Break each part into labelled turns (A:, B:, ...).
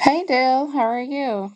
A: Hey Dale, how are you?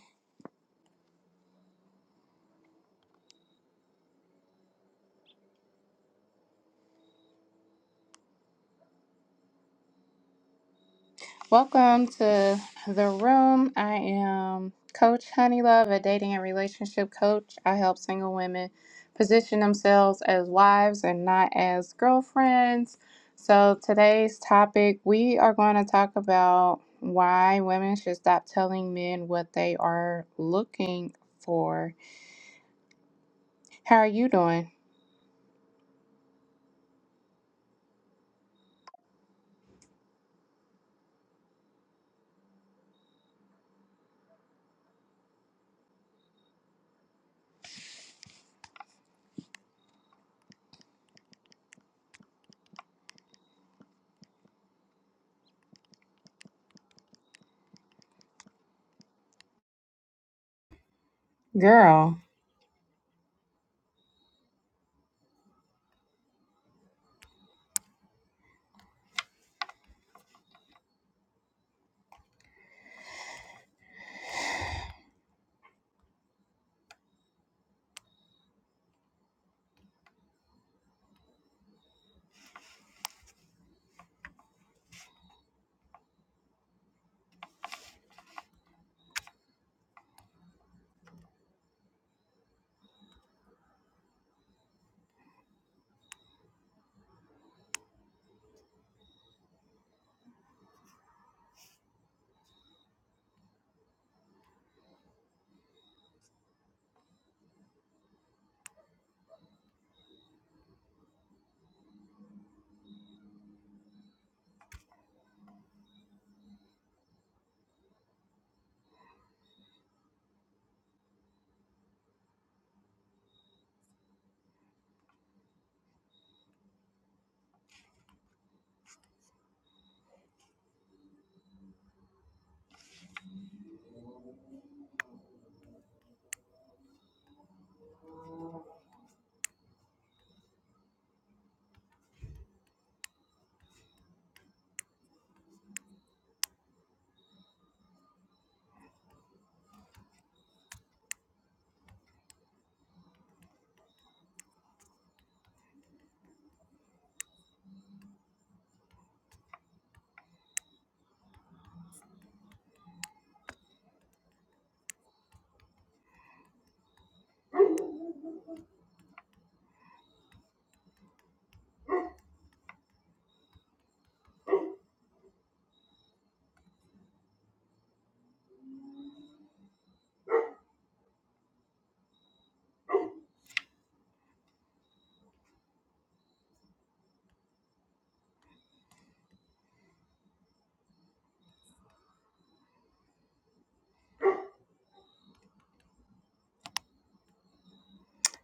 A: Welcome to the room. I am Coach Honeylove, a dating and relationship coach. I help single women position themselves as wives and not as girlfriends. So, today's topic we are going to talk about why women should stop telling men what they are looking for. How are you doing, girl?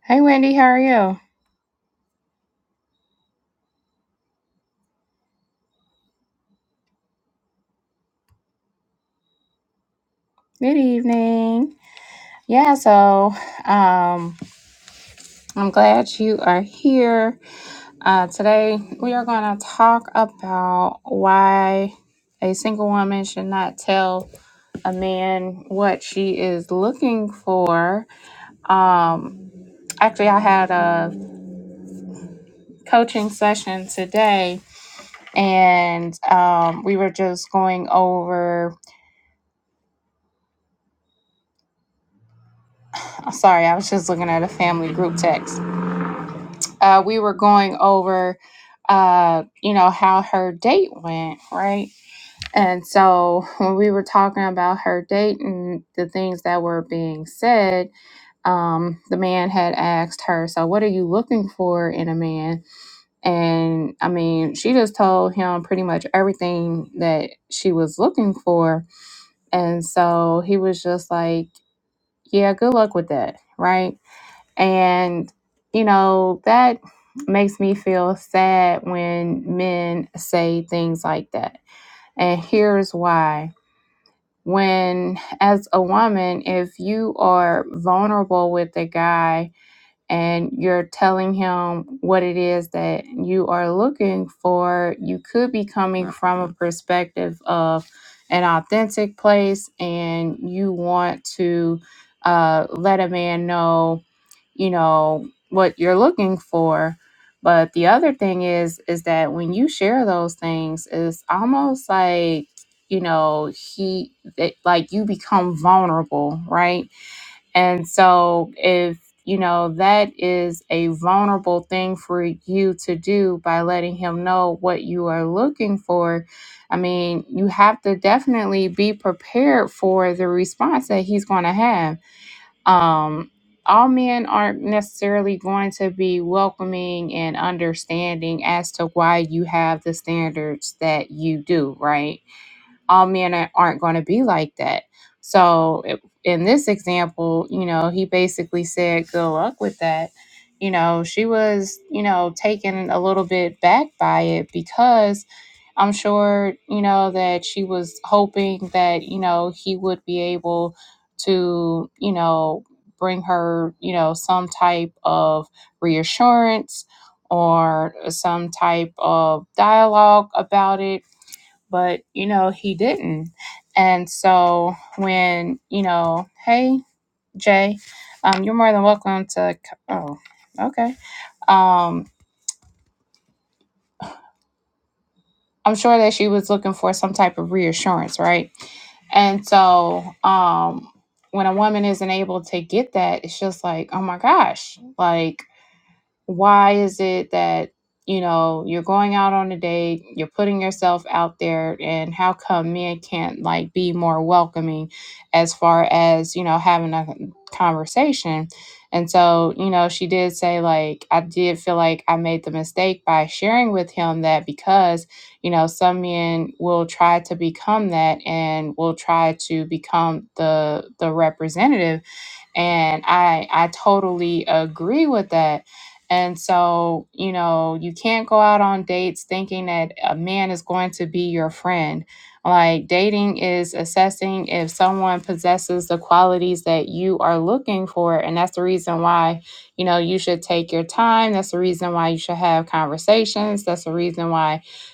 A: Hey Wendy, how are you? Good evening. Yeah, so um I'm glad you are here. Uh, today, we are going to talk about why a single woman should not tell a man what she is looking for. Um, actually, I had a coaching session today. And um, we were just going over. Sorry, I was just looking at a family group text. Uh, we were going over, uh, you know, how her date went, right? And so when we were talking about her date and the things that were being said, um, the man had asked her, So what are you looking for in a man? And I mean, she just told him pretty much everything that she was looking for. And so he was just like, Yeah, good luck with that. Right. And, you know, that makes me feel sad when men say things like that. And here's why when as a woman if you are vulnerable with a guy and you're telling him what it is that you are looking for you could be coming from a perspective of an authentic place and you want to uh, let a man know you know what you're looking for but the other thing is is that when you share those things it's almost like you know he it, like you become vulnerable right and so if you know that is a vulnerable thing for you to do by letting him know what you are looking for i mean you have to definitely be prepared for the response that he's going to have um, all men aren't necessarily going to be welcoming and understanding as to why you have the standards that you do, right? all men aren't going to be like that. So it- in this example, you know, he basically said, good luck with that. You know, she was, you know, taken a little bit back by it because I'm sure, you know, that she was hoping that, you know, he would be able to, you know, bring her, you know, some type of reassurance or some type of dialogue about it but you know he didn't and so when you know hey jay um, you're more than welcome to c- oh okay um i'm sure that she was looking for some type of reassurance right and so um when a woman isn't able to get that it's just like oh my gosh like why is it that you know you're going out on a date you're putting yourself out there and how come men can't like be more welcoming as far as you know having a conversation and so you know she did say like i did feel like i made the mistake by sharing with him that because you know some men will try to become that and will try to become the the representative and i i totally agree with that and so you know you can't go out on dates thinking that a man is going to be your friend like dating is assessing if someone possesses the qualities that you are looking for and that's the reason why you know you should take your time that's the reason why you should have conversations that's the reason why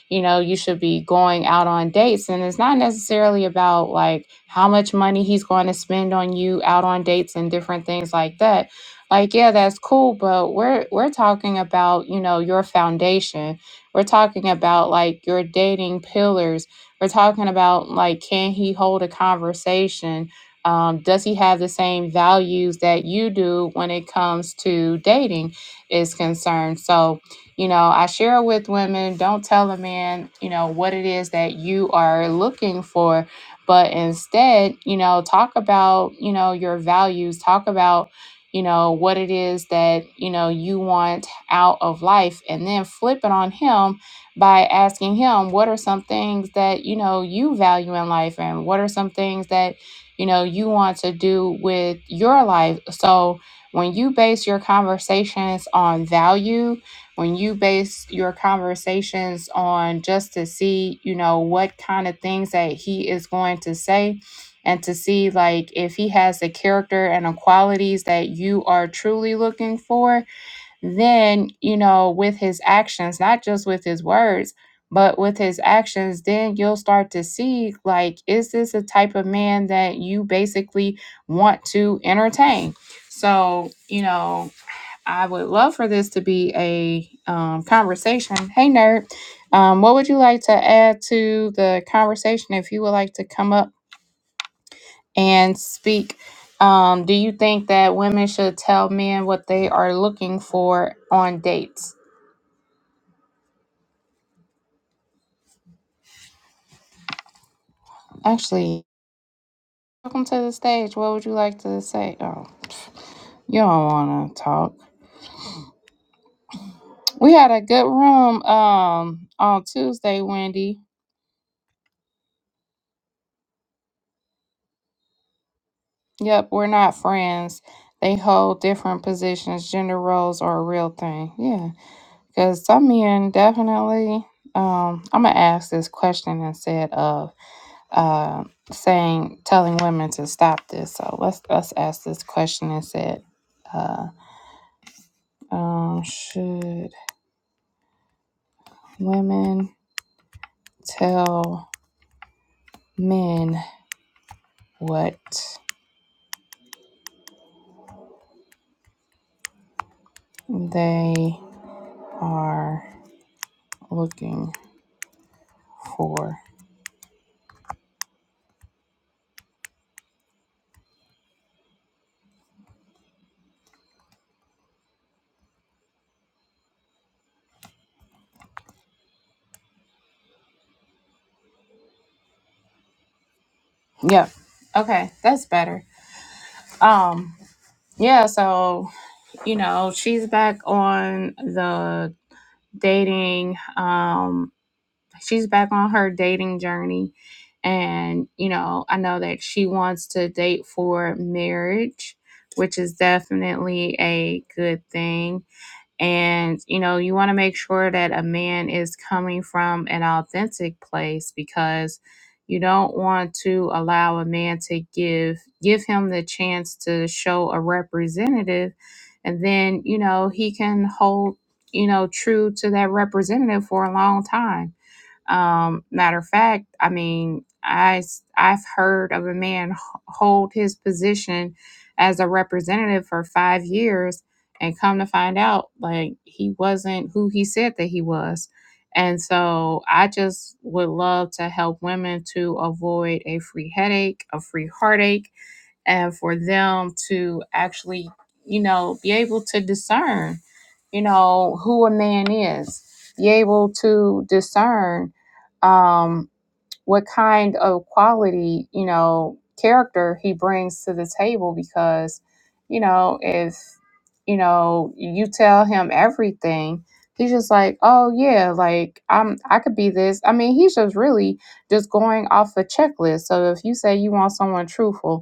A: you know, you should be going out on dates. And it's not necessarily about like how much money he's going to spend on you out on dates and different things like that. Like, yeah, that's cool, but we're we're talking about, you know, your foundation. We're talking about like your dating pillars. We're talking about like can he hold a conversation? um, does he have the same values that you do when it comes to dating is concerned so you know i share with women don't tell a man you know what it is that you are looking for but instead you know talk about you know your values talk about you know what it is that you know you want out of life and then flip it on him by asking him what are some things that you know you value in life and what are some things that you know you want to do with your life so when you base your conversations on value when you base your conversations on just to see, you know, what kind of things that he is going to say and to see like if he has the character and the qualities that you are truly looking for, then, you know, with his actions, not just with his words, but with his actions, then you'll start to see like is this a type of man that you basically want to entertain? So, you know, I would love for this to be a um, conversation. Hey, nerd, um, what would you like to add to the conversation if you would like to come up and speak? Um, do you think that women should tell men what they are looking for on dates? Actually, welcome to the stage. What would you like to say? Oh, you don't want to talk. We had a good room um, on Tuesday, Wendy Yep, we're not friends. They hold different positions. Gender roles are a real thing. Yeah, because some men definitely. Um, I'm gonna ask this question instead of uh, saying telling women to stop this. So let's let's ask this question instead. Uh, um, should women tell men what they are looking for? Yep. Okay, that's better. Um, yeah so you know she's back on the dating um she's back on her dating journey and you know i know that she wants to date for marriage which is definitely a good thing and, you know, you want to make sure that a man is coming from an authentic place because you don't want to allow a man to give give him the chance to show a representative and then, you know, he can hold, you know, true to that representative for a long time um, matter of fact, I mean, I s- I've heard of a man h- hold his position as a representative for five years, and come to find out, like he wasn't who he said that he was. And so I just would love to help women to avoid a free headache, a free heartache, and for them to actually, you know, be able to discern, you know, who a man is, be able to discern um, what kind of quality, you know, character he brings to the table. Because, you know, if, you know, you tell him everything, he's just like, oh, yeah, like, I'm, I could be this. I mean, he's just really just going off a checklist. So if you say you want someone truthful,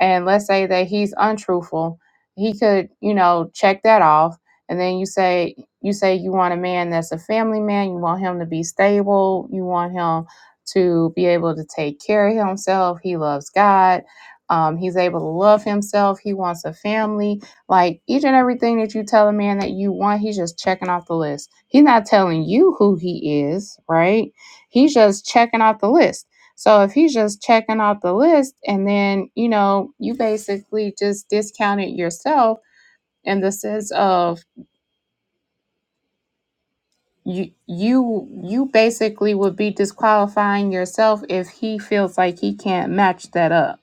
A: and let's say that he's untruthful he could you know check that off and then you say you say you want a man that's a family man you want him to be stable you want him to be able to take care of himself he loves god um, he's able to love himself he wants a family like each and everything that you tell a man that you want he's just checking off the list he's not telling you who he is right he's just checking off the list so if he's just checking off the list and then, you know, you basically just discounted yourself in the sense of you you you basically would be disqualifying yourself if he feels like he can't match that up.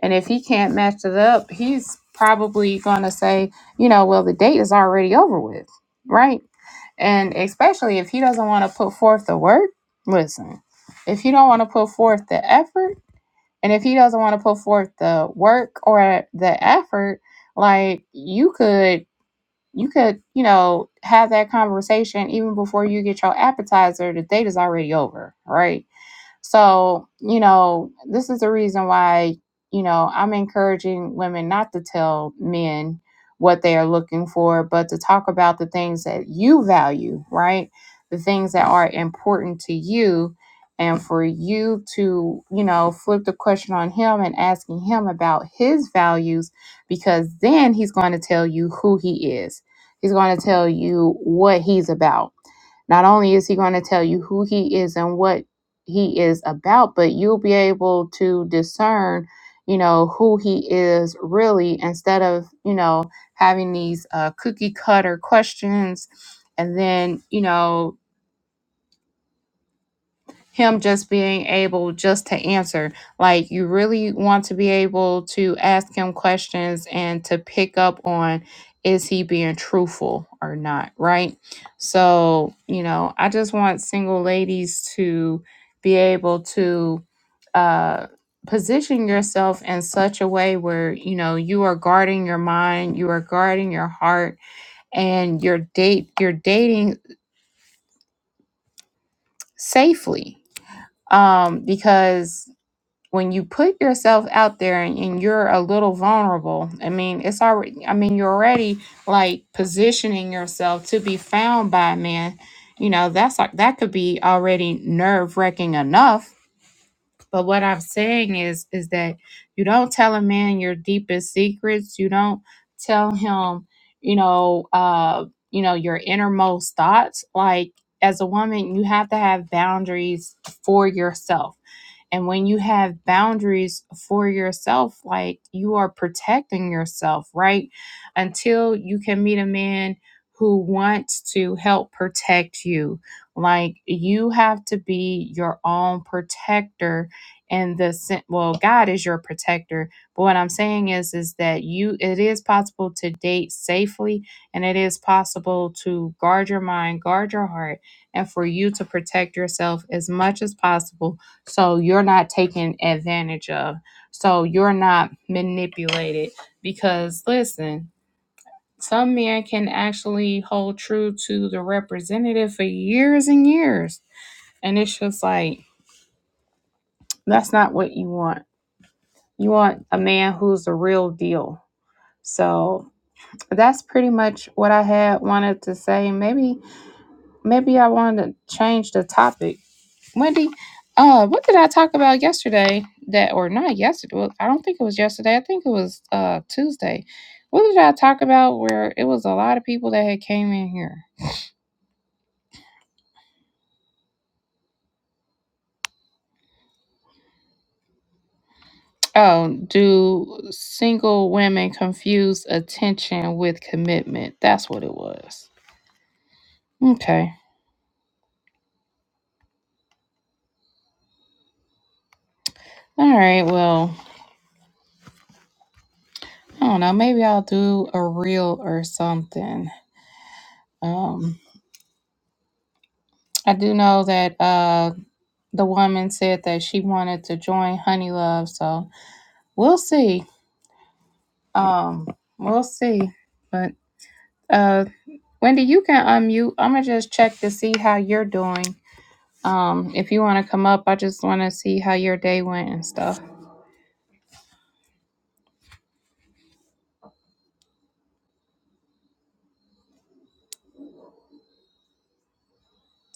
A: And if he can't match it up, he's probably going to say, you know, well the date is already over with, right? And especially if he doesn't want to put forth the work, listen. If you don't want to put forth the effort, And if he doesn't want to put forth the work or the effort, like you could you could, you know, have that conversation even before you get your appetizer, the date is already over, right? So, you know, this is the reason why, you know, I'm encouraging women not to tell men what they are looking for, but to talk about the things that you value, right? The things that are important to you. And for you to, you know, flip the question on him and asking him about his values, because then he's going to tell you who he is. He's going to tell you what he's about not only is he going to tell you who he is and what he is about, but you'll be able to discern, you know, who he is really instead of, you know, having these uh, cookie cutter questions and then, you know, him just being able just to answer like you really want to be able to ask him questions and to pick up on is he being truthful or not right so you know i just want single ladies to be able to uh position yourself in such a way where you know you are guarding your mind you are guarding your heart and your date you're dating safely um because when you put yourself out there and, and you're a little vulnerable, I mean, it's already, I mean, you're already like positioning yourself to be found by a man. You know, that's like, that could be already nerve wracking enough. But what I'm saying is, is that you don't tell a man your deepest secrets. You don't tell him, you know, uh, you know, your innermost thoughts. Like as a woman, you have to have boundaries for yourself and when you have boundaries for yourself, like you are protecting yourself, right? Until you can meet a man who wants to help protect you. Like you have to be your own protector and the sen- well God is your protector. But what I'm saying is is that you it is possible to date safely and it is possible to guard your mind, guard your heart and for you to protect yourself as much as possible so you're not taken advantage of. So you're not manipulated. Because listen, some men can actually hold true to the representative for years and years. And it's just like, that's not what you want. You want a man who's the real deal. So that's pretty much what I had wanted to say. Maybe maybe I wanted to change the topic Wendy, uh, what did I talk about yesterday? That or not yesterday? well, I don't think it was yesterday. I think it was uh Tuesday. What did I talk about? Where it was a lot of people that had came in here. Oh, do single women confuse attention with commitment? That's what it was. Okay. All right. Well, I don't know. Maybe I'll do a reel or something. Um, I do know that uh the woman said that she wanted to join Honey Love, so We'll see. Um, we'll see. But uh, Wendy, you can unmute. I'm gonna just check to see how you're doing. Um, if you want to come up, I just want to see how your day went and stuff.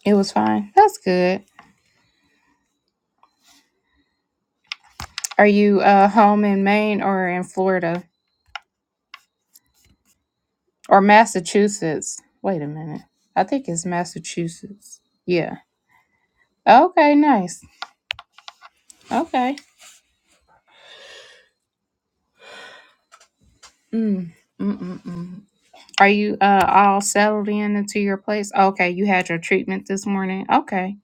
A: It was fine. That's good. Are you uh home in Maine or in Florida or Massachusetts? Wait a minute. I think it's Massachusetts. Yeah. Okay. Nice. Okay. Mm. Mm-mm-mm. Are you uh all settled in into your place? Okay, you had your treatment this morning. Okay.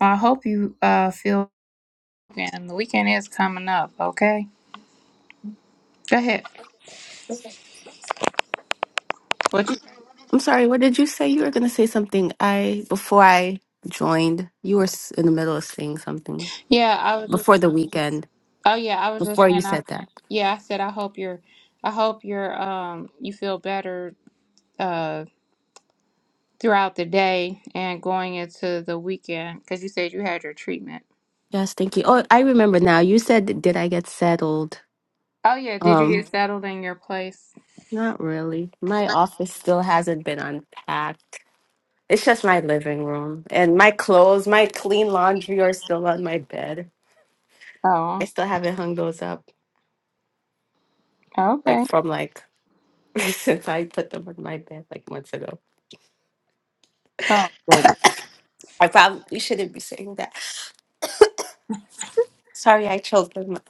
A: Well, I hope you uh feel and the weekend is coming up, okay? Go ahead.
B: I'm
A: What you,
B: sorry, what did you say? You were going to say something. I before I joined, you were s- in the middle of saying something
A: yeah, I was just
B: before the weekend.
A: oh yeah, I was just
B: Before you
A: saying I
B: said that.
A: yeah, I said I hope you're I hope you're um you feel better uh throughout the day and going into the weekend because you said you had your treatment.
B: Yes, thank you. Oh, I remember now. You said did I get settled?
A: Oh yeah, did you
B: Um,
A: get settled in your place?
B: not really. My office still hasn't been unpacked. It's just my living room and my clothes, my clean laundry are still on my bed. I
A: Oh,
B: still haven't hung those up like
A: okay.
B: from like since I put them on my bed like months ago.
A: Oh, good.
B: I probably shouldn't be saying that. Sorry, I choked. on my-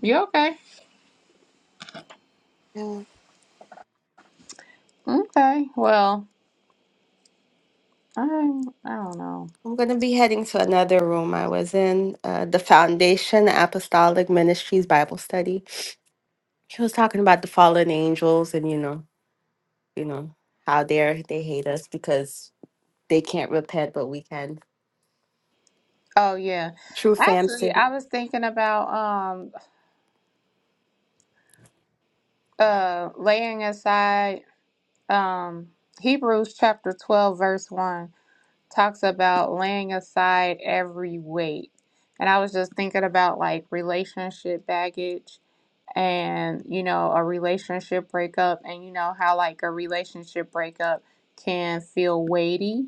A: You okay?
B: Yeah.
A: Okay. Well, I I don't know.
B: I'm going to be heading to another room I was in, uh, the Foundation Apostolic Ministries Bible Study. He was talking about the fallen angels and, you know, you know, how dare they hate us because they can't repent, but we can.
A: Oh yeah.
B: True
A: Actually,
B: Famson.
A: I was thinking about um uh laying aside um Hebrews chapter 12 verse 1 talks about laying aside every weight. And I was just thinking about like relationship baggage and you know a relationship breakup and you know how like a relationship breakup can feel weighty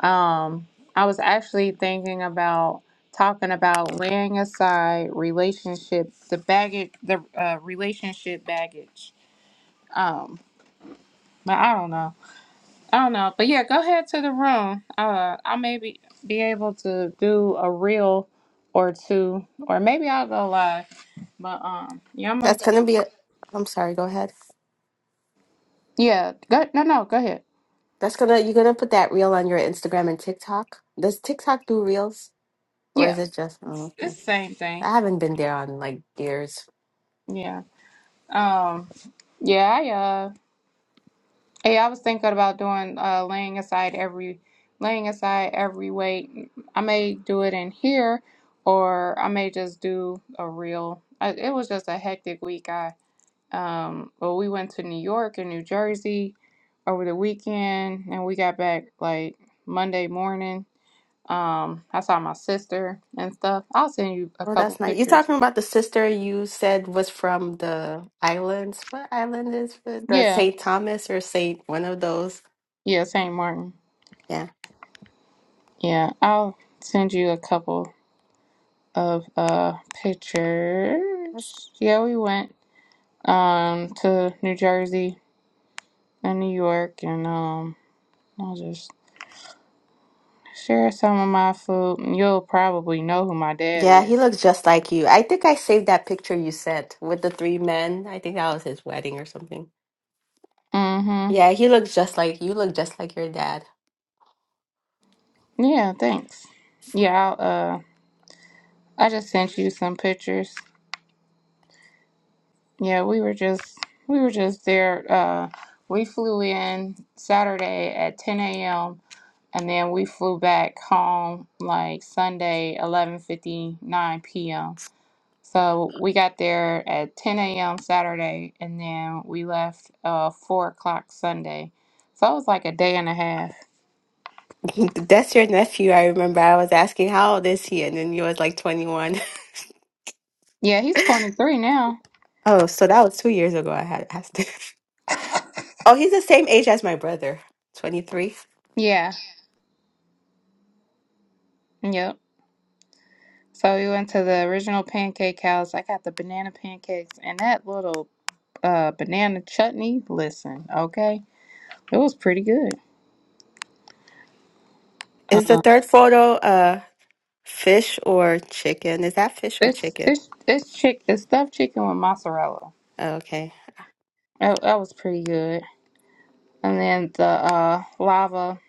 A: Um, I was actually thinking about talking about laying aside relationship, the baggage, the uh, relationship baggage. Um, but I don't know. I don't know. But yeah, go ahead to the room. Uh, I may be, be able to do a reel or two, or maybe I'll go live. But um, yeah, I'm a,
B: That's going to be, a, I'm sorry, go ahead.
A: yeah. Go, no, no, go ahead.
B: That's going to, you're going to put that reel on your Instagram and TikTok. Does TikTok do reels or is
A: Yeah,
B: it just,
A: it's
B: oh,
A: the
B: okay.
A: same thing.
B: I haven't been there on like years.
A: Yeah. Um. Yeah. Hey, I was thinking about doing uh laying aside every laying aside every weight. I may do it in here or I may just do a reel. I, it was just a hectic week. I um well we went to New York and New Jersey over the weekend and we got back like Monday morning. Um I saw my sister and stuff. I'll send you a
B: Oh,
A: couple
B: that's nice. You're
A: pictures.
B: talking about the sister you said was from the islands. What island is it? The
A: Yeah.
B: Saint Thomas or Saint one of those?
A: Yeah, St. Martin.
B: Yeah.
A: Yeah, I'll send you a couple of uh
B: That's-
A: pictures. Yeah, we went um to New Jersey and New York and um I'll just share some of my food and you'll probably know who my dad
B: Yeah, he
A: is.
B: looks just like you. I think I saved that picture you sent with the three men. I think that was his wedding or something.
A: Mm-hmm.
B: Yeah, he looks just like you look just like your dad.
A: Yeah, thanks. Yeah, I'll uh I just sent you some pictures. Yeah, we were just we were just there. Uh we flew in Saturday at ten AM and then we flew back home like Sunday, eleven fifty nine p.m. So we got there at 10 a.m. Saturday, and then we left uh 4 o'clock Sunday. So it was like a day and a half.
B: That's your nephew. I remember I was asking how old is he, and then he was like 21.
A: Yeah, he's 23 now.
B: Oh, so that was two years ago. I had asked. Oh, he's the same age as my brother, 23.
A: Yeah, yep. So we went to the original pancake house. I got the banana pancakes and that little uh banana chutney. Listen, okay, it was pretty good. Um,
B: Is the third photo uh fish or chicken? Is that fish or
A: this
B: chicken?
A: this this chick, this stuffed chicken with mozzarella.
B: Oh, okay.
A: That, that was pretty good. And then the uh lava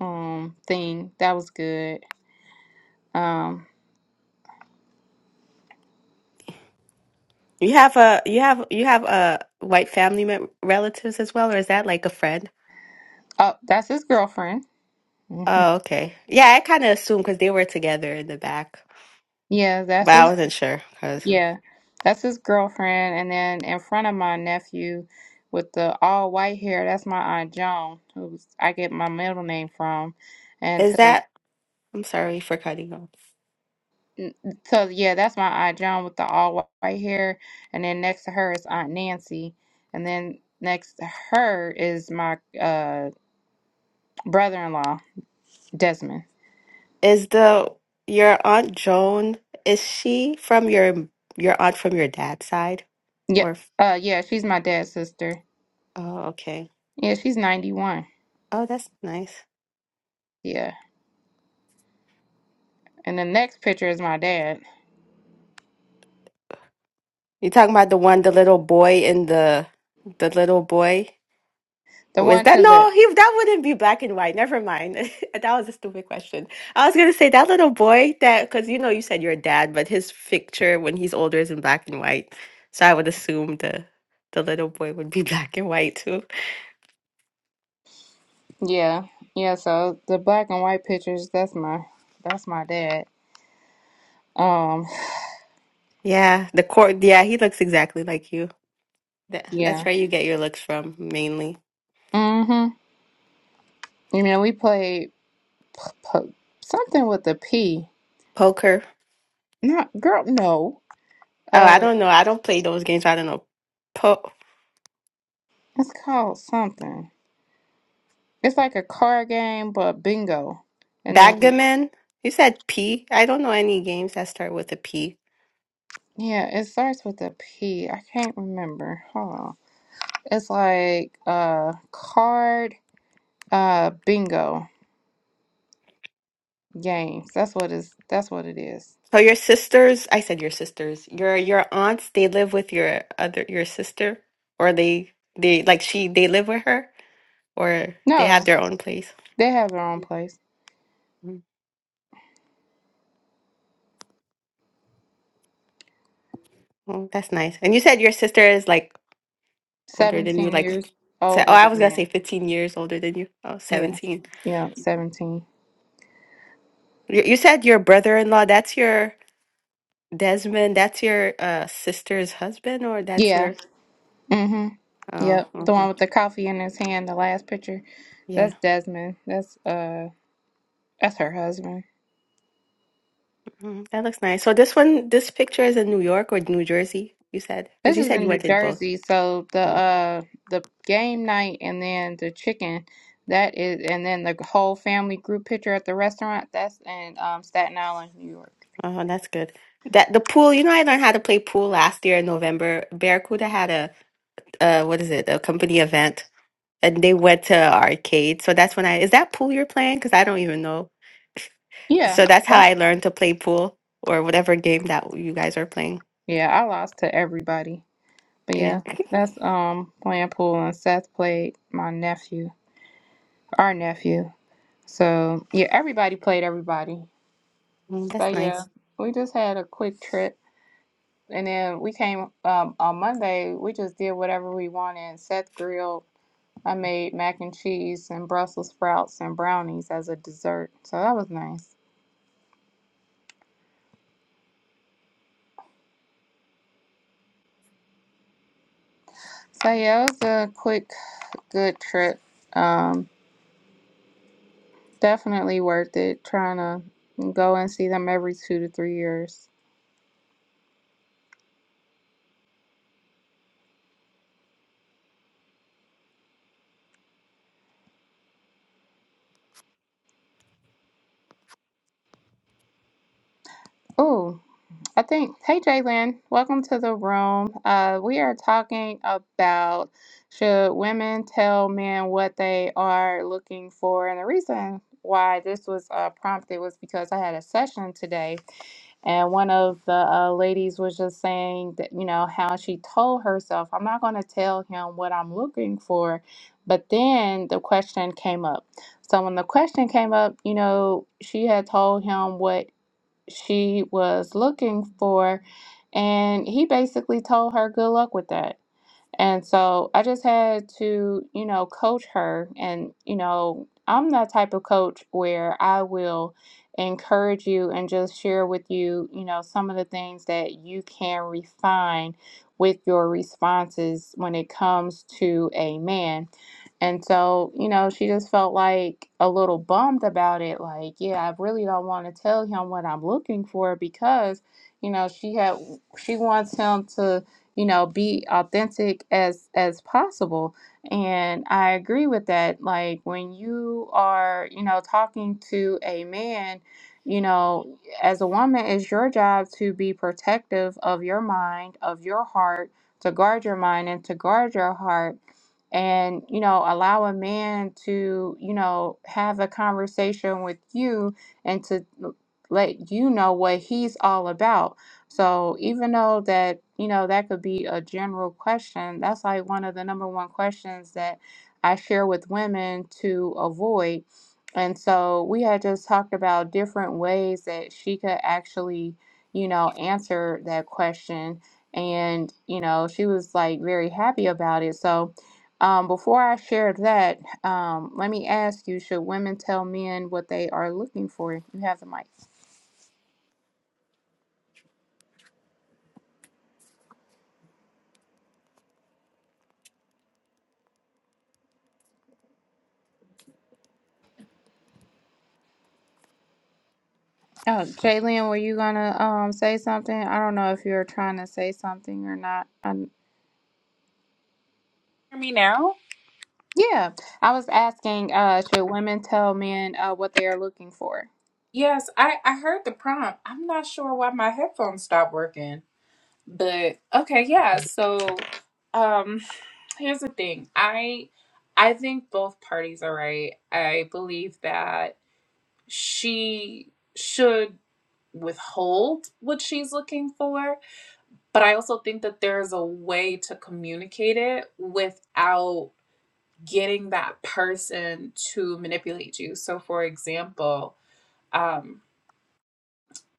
A: um thing that was good Um,
B: You have a you have you have uh white family mem relatives as well, or is that like a friend?
A: oh, that's his girlfriend. hmm
B: Oh, okay. Yeah, I kind of assumed because they were together in the back,
A: Yeah, that's
B: but I
A: his.
B: wasn't sure. Because
A: Yeah, that's his girlfriend. And then in front of my nephew, with the all white hair, that's my aunt Joan, who's I get my middle name from. And
B: is
A: to the
B: that? I'm sorry for cutting off.
A: n- so yeah, that's my aunt Joan with the all whi- white hair. And then next to her is Aunt Nancy. And then next to her is my uh brother-in-law Desmond.
B: Is the your aunt Joan? Is she from your your aunt from your dad's side,
A: Yeah,
B: or? f-
A: uh, yeah, she's my dad's sister.
B: Oh, okay.
A: Yeah, she's ninety-one.
B: Oh, that's nice.
A: Yeah. And the next picture is my dad.
B: You talking about the one, the little boy in the the little boy?
A: The
B: Was
A: one
B: that
A: to the
B: no? He that wouldn't be black and white. Never mind. that was a stupid question. I was gonna say that little boy that because you know you said your dad, but his picture when he's older is in black and white. So I would assume the the little boy would be black and white too.
A: yeah, yeah. So the black and white pictures, that's my that's my dad. Um,
B: Yeah, the court. Yeah, he looks exactly like you. That, that's
A: yeah.
B: where you get your looks from mainly.
A: Mhm. You know, we played po- something with a P.
B: Poker.
A: Not girl, no.
B: Oh, I
A: Uh,
B: don't know. I don't play those games. I don't know. Po
A: it's called something. It's like a card game, but bingo. And then
B: Backgammon? You said P. I don't know any games that start with a P.
A: yeah, it starts with a P. I can't remember. Hold on. It's like uh card uh bingo. Games. That's what is. That's what it is.
B: So your sisters, I said your sisters. Your your aunts, they live with your other your sister or they they like she they live with her or they
A: No,
B: have their own place.
A: they have their own place.
B: Mm, Oh, that's nice. And you said your sister is like older than you
A: Seventeen
B: like Mhm.
A: years
B: se- oh,
A: older
B: I
A: than
B: was going to say
A: Graham.
B: 15 years older than you. Oh,
A: Yeah,
B: 17.
A: yeah, seventeen.
B: You, you said your brother-in-law, that's your Desmond, that's your uh sister's husband or that's
A: Yeah.
B: your
A: Mm-hmm.
B: Oh,
A: Yep. The
B: mhm.
A: one with the coffee in his hand. The last picture.
B: yeah.
A: That's Desmond. That's uh. That's her husband.
B: Mm, that looks nice. So this one, this picture is in New York or New Jersey, you said? Because
A: This
B: you
A: is
B: said you
A: in New
B: went in both.
A: Jersey. So the
B: Mm.
A: uh the game night and then the chicken. That is, and then the whole family group picture at the restaurant. That's in um, Staten Island, New York.
B: Oh, that's good. That the pool, you know, I learned how to play pool last year in November. Barracuda had a uh, what is it? A company event, and they went to arcade. So that's when I is that pool you're playing? Because I don't even know.
A: Yeah.
B: So that's
A: Yep.
B: how I learned to play pool or whatever game that you guys are playing.
A: Yeah, I lost to everybody. But
B: Yeah,
A: yeah, that's um playing pool and Seth played my nephew, our nephew. So yeah, everybody played everybody.
B: Mm, that's
A: So yeah,
B: nice.
A: we just had a quick trip and then we came um on Monday, we just did whatever we wanted. Seth grilled. I made mac and cheese and Brussels sprouts and brownies as a dessert. So that was nice. So yeah, it was a quick good trip. Um. Definitely worth it trying to go and see them every two to three years. Oh, I think, hey Jalen, welcome to the room. Uh, we are talking about should women tell men what they are looking for? And the reason why this was uh, prompted was because I had a session today And one of the uh, ladies was just saying that, you know, how she told herself, I'm not going to tell him what I'm looking for. But then the question came up. So when the question came up, you know, she had told him what she was looking for. And he basically told her, good luck with that. And so I just had to, you know, coach her. And, you know, I'm that type of coach where I will encourage you and just share with you, you know, some of the things that you can refine with your responses when it comes to a man. And so, you know, she just felt like a little bummed about it. Like, yeah, I really don't want to tell him what I'm looking for because, you know, she had, she wants him to you know be authentic as as possible and i agree with that like when you are you know talking to a man you know as a woman it's your job to be protective of your mind of your heart to guard your mind and to guard your heart and you know allow a man to you know have a conversation with you and to let you know what he's all about so even though that, you know, that could be a general question, that's like one of the number one questions that I share with women to avoid. And so we had just talked about different ways that she could actually, you know, answer that question. And, you know, she was like very happy about it. So um, before I share that, um, let me ask you, should women tell men what they are looking for? You have the mic. Oh, Jalen, were you gonna um say something? I don't know if you were trying to say something or not. Um,
C: hear me now?
A: yeah, I was asking, uh, should women tell men uh what they are looking for?
C: Yes, I, I heard the prompt. I'm not sure why my headphones stopped working. But okay, yeah. So um here's the thing. I I think both parties are right. I believe that she should withhold what she's looking for, but I also think that there's a way to communicate it without getting that person to manipulate you. So for example, um,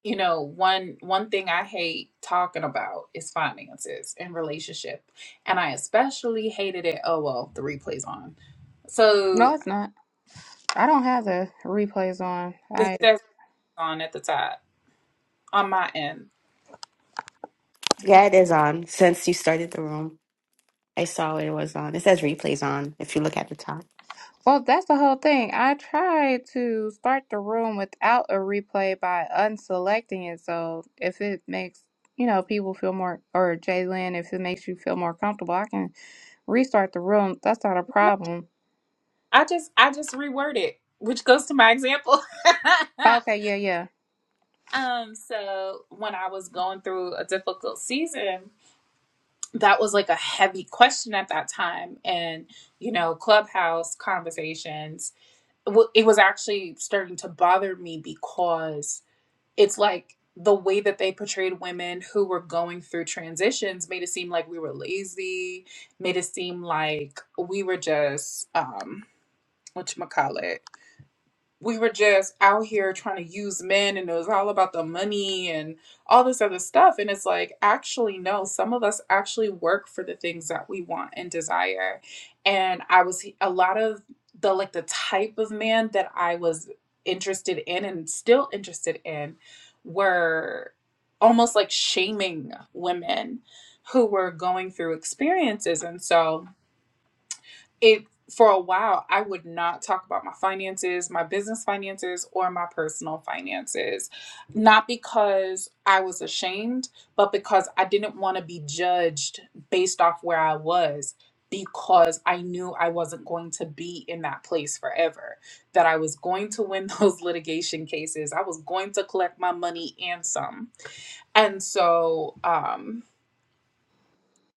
C: you know one one thing i hate talking about is finances and relationship and i especially hated it oh well the replay's on so
A: No, it's not. I don't have the replays on.
C: it
A: I
C: says on at the top on my end
B: Yeah, it is on since you started the room. I saw it was on. It says replays on if you look at the top.
A: well, that's the whole thing. I tried to start the room without a replay by unselecting it, so if it makes you know people feel more or Jalen, if it makes you feel more comfortable, I can restart the room. That's not a problem.
C: i just i just reword it which goes to my example
A: Okay, yeah, yeah.
C: um so when i was going through a difficult season that was like a heavy question at that time and you know clubhouse conversations well, it was actually starting to bother me because it's like the way that they portrayed women who were going through transitions made it seem like we were lazy, made it seem like we were just um whatchamacallit we were just out here trying to use men and it was all about the money and all this other stuff and it's like actually no some of us actually work for the things that we want and desire and i was a lot of the like the type of man that i was interested in and still interested in were almost like shaming women who were going through experiences and so it for a while i would not talk about my finances my business finances or my personal finances not because i was ashamed but because i didn't want to be judged based off where i was because i knew i wasn't going to be in that place forever that i was going to win those litigation cases i was going to collect my money and some and so um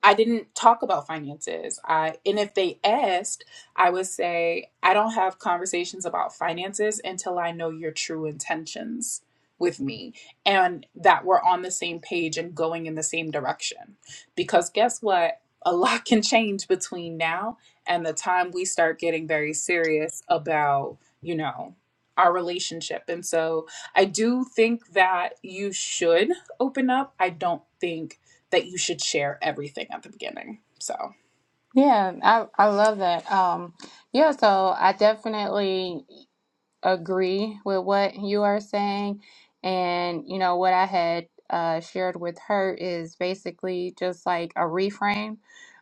C: I didn't talk about finances. I and if they asked, I would say I don't have conversations about finances until I know your true intentions with me and that we're on the same page and going in the same direction. Because guess what? A lot can change between now and the time we start getting very serious about, you know, our relationship. And so I do think that you should open up. I don't think that you should share everything at the beginning. So I
A: Yeah, I I love that. Um, yeah, so I definitely agree with what you are saying, and you know what I had uh, shared with her is basically just like a reframe.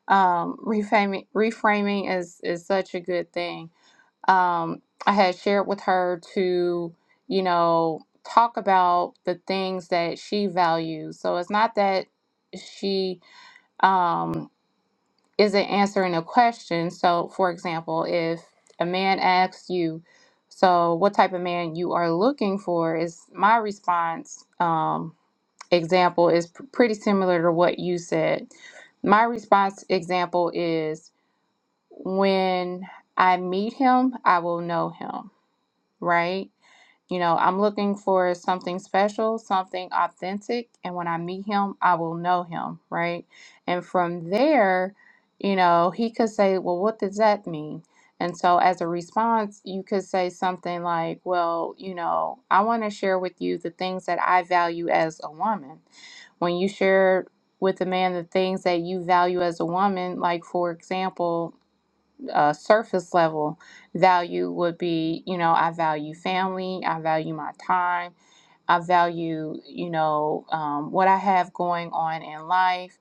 A: Um, reframing reframing is is such a good thing. Um, I had shared with her to you know talk about the things that she values. So it's not that she. um isn't answering a question. So, for example, if a man asks you, "So, what type of man you are looking for?" is my response um, example is p- pretty similar to what you said. My response example is, "When I meet him, I will know him." Right? You know, I'm looking for something special, something authentic. And when I meet him, I will know him, right? And from there, you know, he could say, Well, what does that mean? And so, as a response, you could say something like, Well, you know, I want to share with you the things that I value as a woman. When you share with a man the things that you value as a woman, like, for example, uh, surface level value would be, you know, I value family, I value my time, I value, you know, um, what I have going on in life.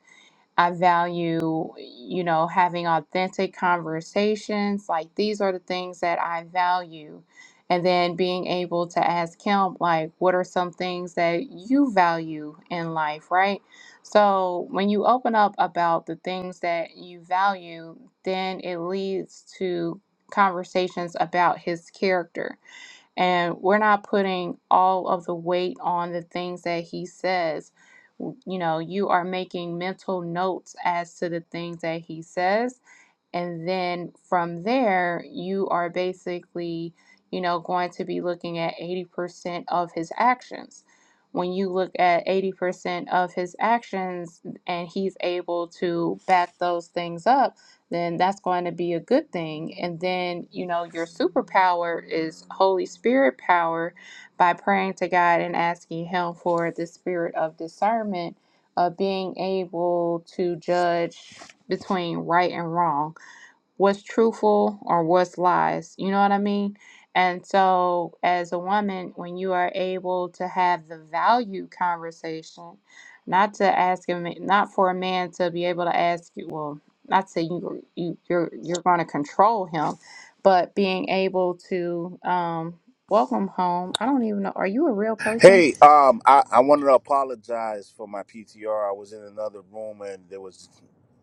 A: I value, you know, having authentic conversations. Like these are the things that I value. And then being able to ask him, like, what are some things that you value in life, right? So when you open up about the things that you value, then it leads to conversations about his character and we're not putting all of the weight on the things that he says. You know, you are making mental notes as to the things that he says and then from there, you are basically, you know, going to be looking at 80% of his actions. When you look at 80% of his actions and he's able to back those things up, then that's going to be a good thing. And then, you know, your superpower is Holy Spirit power by praying to God and asking Him for the spirit of discernment, of being able to judge between right and wrong what's truthful or what's lies. You know what I mean? And so, as a woman, when you are able to have the value conversation, not to ask him, not for a man to be able to ask you, well, not to say you, you you're you're going to control him, but being able to um, welcome home. I don't even know. Are you a real person?
D: Hey, um, I, I wanted to apologize for my PTR. I was in another room and there was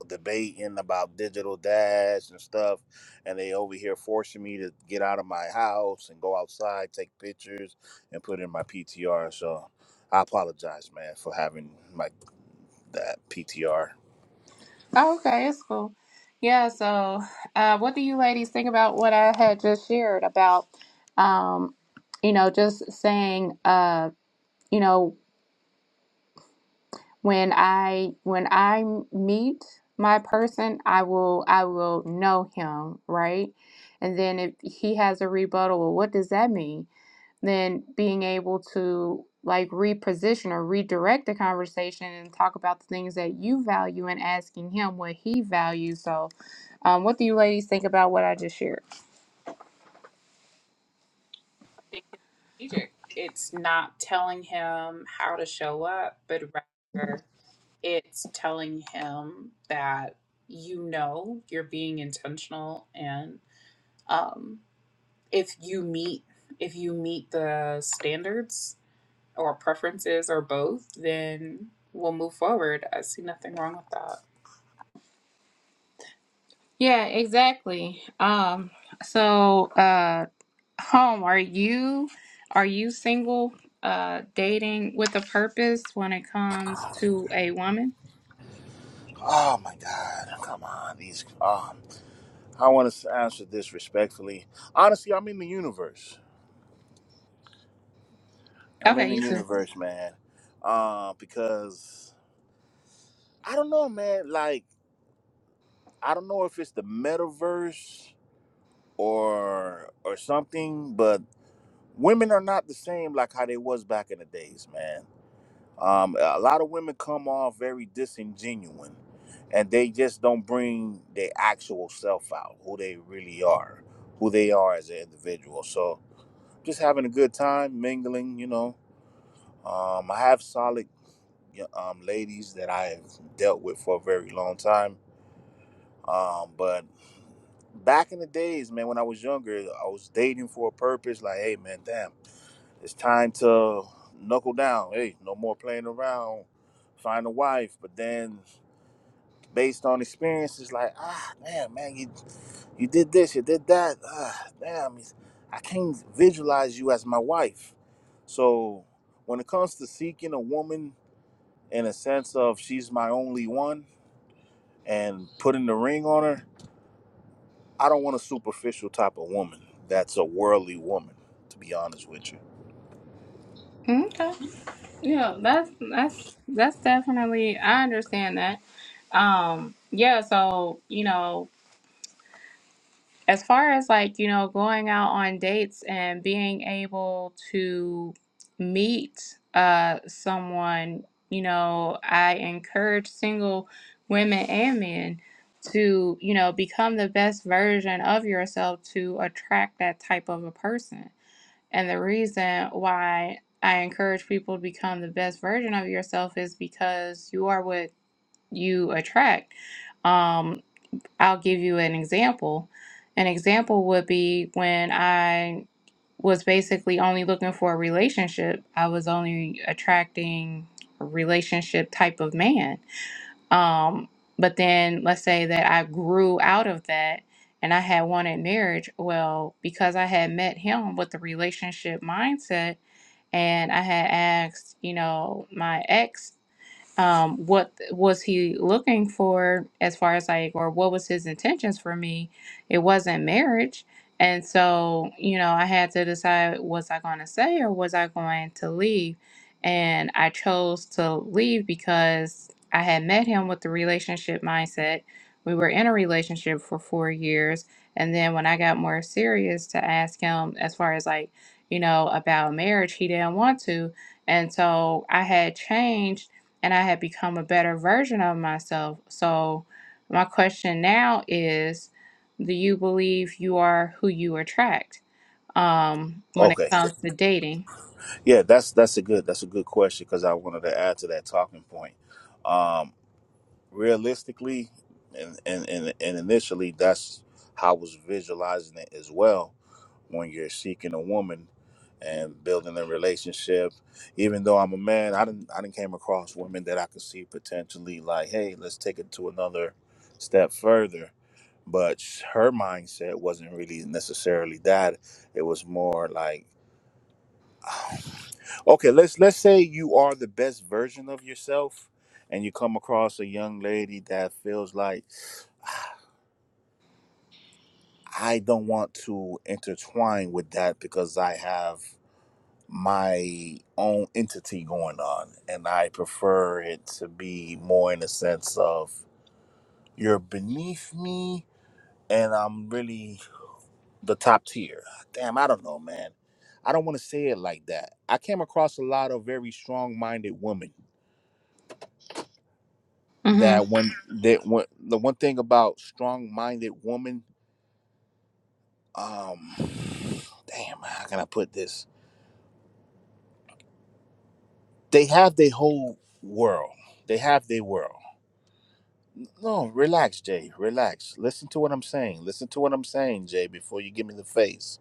D: debating about digital dash and stuff, and they over here forcing me to get out of my house and go outside, take pictures, and put in my PTR. So I apologize, man, for having my that PTR.
A: Oh, okay, it's cool. Yeah, so uh, what do you ladies think about what I had just shared about, um, you know, just saying, uh, you know, when I when I meet my person, I will I will know him, right? And then if he has a rebuttal, well, what does that mean? then being able to like reposition or redirect the conversation and talk about the things that you value and asking him what he values. So, um, what do you ladies think about what I just shared?
C: think it's strategic. It's not telling him how to show up, but rather it's telling him that you know you're being intentional and um, if you meet if you meet the standards or preferences or both then we'll move forward i see nothing wrong with that
A: Yeah, exactly. Um, so, uh, home, are you are you single? Uh, dating with a purpose when it comes to a woman.
D: Oh my God, come on, these. Um, I want to answer this respectfully. Honestly, I'm in the universe. I'm in
A: Okay,
D: the
A: you too.
D: universe, man. Uh, because I don't know, man. Like I don't know if it's the metaverse or or something, but women are not the same like how they was back in the days, man. Um, a lot of women come off very disingenuine, and they just don't bring their actual self out, who they really are, who they are as an individual. So just having a good time mingling, you know. Um, I have solid um, ladies that I have dealt with for a very long time. Um, but back in the days, man, when I was younger, I was dating for a purpose. Like, hey, man, damn, it's time to knuckle down. Hey, no more playing around. Find a wife. But then, based on experiences, like, ah, man, man, you you did this, you did that. Ah, damn, I can't visualize you as my wife. So, when it comes to seeking a woman in a sense of she's my only one and putting the ring on her, I don't want a superficial type of woman. That's a worldly woman, to be honest with you.
A: Okay. Yeah, that's that's that's definitely I understand that. Um, yeah, so, you know, as far as like, you know, going out on dates and being able to meet uh someone, you know, I encourage single women and men to, you know, become the best version of yourself to attract that type of a person. And the reason why I encourage people to become the best version of yourself is because you are what you attract. Um, I'll give you an example. An example would be when I was basically only looking for a relationship, I was only attracting a relationship type of man. Um, but then let's say that I grew out of that and I had wanted marriage. Well, because I had met him with the relationship mindset and I had asked, you know, my ex um, what was he looking for as far as like, or what was his intentions for me? It wasn't marriage. And so, you know, I had to decide was I going to stay or was I going to leave? And I chose to leave because I had met him with the relationship mindset. We were in a relationship for four years. And then when I got more serious to ask him, as far as like, you know, about marriage, he didn't want to. And so I had changed and I had become a better version of myself. So, my question now is Do you believe you are who you attract um, when it
D: Okay,
A: comes to dating?
D: yeah, that's that's a good that's a good question because I wanted to add to that talking point. Um, realistically, and and and, and initially, that's how I was visualizing it as well when you're seeking a woman and building a relationship. Even though I'm a man, I didn't I didn't came across women that I could see potentially like, hey, let's take it to another step further. But sh- her mindset wasn't really necessarily that. It was more like, okay, let's let's say you are the best version of yourself, and you come across a young lady that feels like I don't want to intertwine with that because I have my own entity going on and i prefer it to be more in a sense of you're beneath me and i'm really the top tier damn i don't know man i don't want to say it like that i came across a lot of very strong-minded women
A: hmm
D: that when that when the one thing about strong-minded women um damn how can i put this they have their whole world they have their world No, relax, Jay. Relax. Listen to what I'm saying. Listen to what I'm saying, Jay, before you give me the face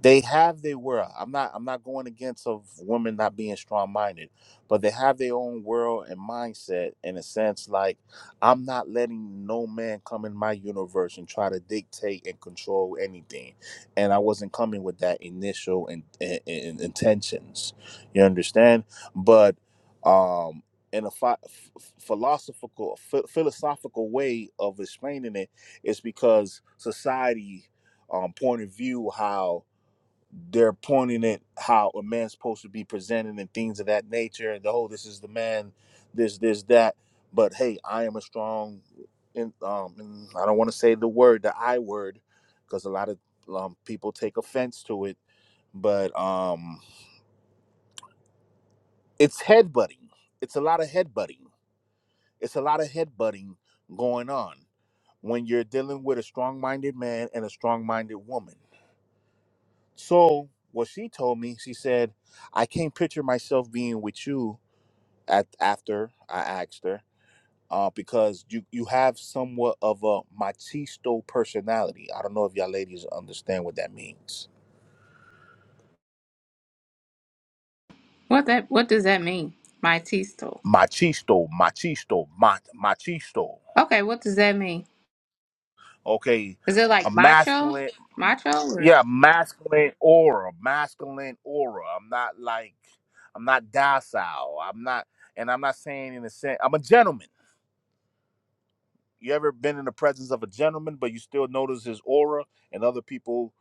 D: they have their world. I'm not I'm not going against of women not being strong minded, but they have their own world and mindset in a sense like I'm not letting no man come in my universe and try to dictate and control anything. And I wasn't coming with that initial in, in, in- intentions. You understand? But um in a phi- ph- philosophical ph- philosophical way of explaining it is because society um point of view how they're pointing at how a man's supposed to be presented and things of that nature and the whole this is the man this this that but hey i am a strong and um and i don't want to say the word the i word because a lot of um, people take offense to it but um it's headbutting it's a lot of headbutting it's a lot of headbutting going on when you're dealing with a strong-minded man and a strong-minded woman So what she told me, she said, I can't picture myself being with you at after I asked her, uh, because you you have somewhat of a machisto personality. I don't know if y'all ladies understand what that means.
A: What that What does that mean? My teasel.
D: Machisto, machisto, mach, machisto.
A: Okay, what does that mean?
D: Okay,
A: Is it
D: a
A: like macho?
D: masculine,
A: Macho or?
D: yeah, masculine aura, masculine aura. I'm not like, I'm not docile. I'm not, and I'm not saying in a sense, I'm a gentleman. you ever been in the presence of a gentleman but you still notice his aura and other people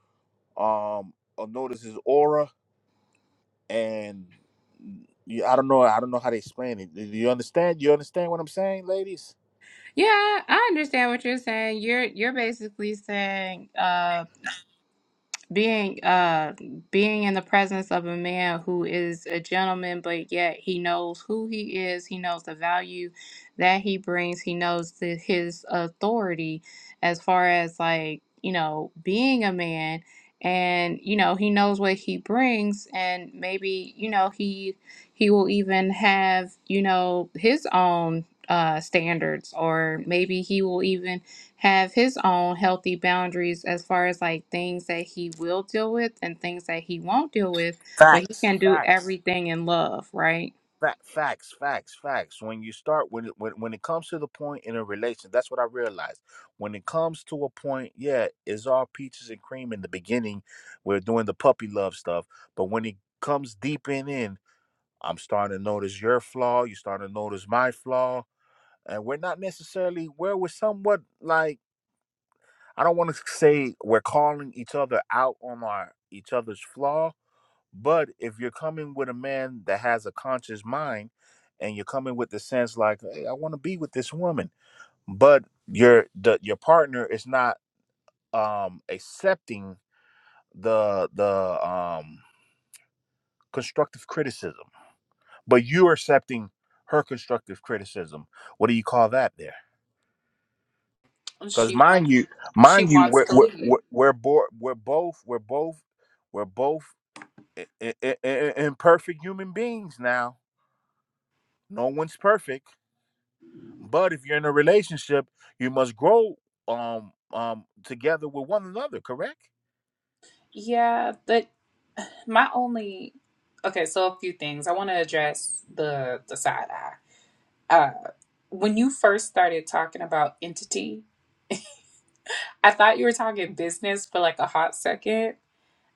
D: um uh, notice his aura and you, i don't know i don't know how to explain it do you understand you understand what i'm saying ladies
A: Yeah, I understand what you're saying. You're you're basically saying uh being uh being in the presence of a man who is a gentleman but yet he knows who he is he knows the value that he brings he knows the, his authority as far as like you know being a man and you know he knows what he brings and maybe you know he he will even have you know his own uh standards or maybe he will even have his own healthy boundaries as far as like things that he will deal with and things that he won't deal with, but he
D: facts
A: can do
D: facts
A: everything in love, right?
D: fa- facts facts facts when you start when it when, when it comes to the point in a relation that's what i realized when it comes to a point yeah it's all peaches and cream in the beginning we're doing the puppy love stuff but when it comes deep in in I'm starting to notice your flaw. You're starting to notice my flaw. And we're not necessarily where we're somewhat like, I don't want to say we're calling each other out on our each other's flaw, but if you're coming with a man that has a conscious mind and you're coming with the sense like, hey, I want to be with this woman, but your the your partner is not um accepting the the um constructive criticism but you are accepting her constructive criticism. What do you call that there?
C: And
D: Because
C: she
D: mind
C: wants
D: you,
C: she
D: mind you,
C: wants
D: we're
C: to
D: we're
C: lead
D: we're, we're, bo- we're both we're both we're both i- i- i- i- imperfect human beings now. No one's perfect, but if you're in a relationship, you must grow um um together with one another. Correct?
C: yeah but. My only okay, so a few things. I want to address the the side eye. Uh, when you first started talking about entity, I thought you were talking business for like a hot second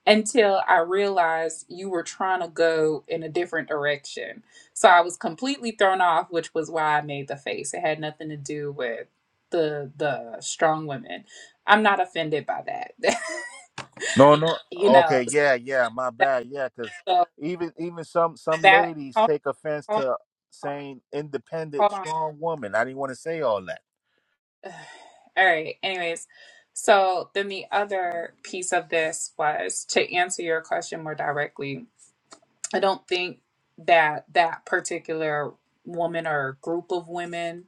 C: until I realized you were trying to go in a different direction. So I was completely thrown off, which was why I made the face. It had nothing to do with the the strong women. I'm not offended by that.
D: No, no.
C: you know,
D: Okay, yeah, yeah. My bad. Yeah, because
C: so
D: even even some some
C: that
D: ladies
C: hold,
D: take offense
C: hold,
D: to
C: hold,
D: saying independent,
C: hold on.
D: strong woman. I didn't want to say all that.
C: All right. Anyways, so then the other piece of this was to answer your question more directly. I don't think that that particular woman or group of women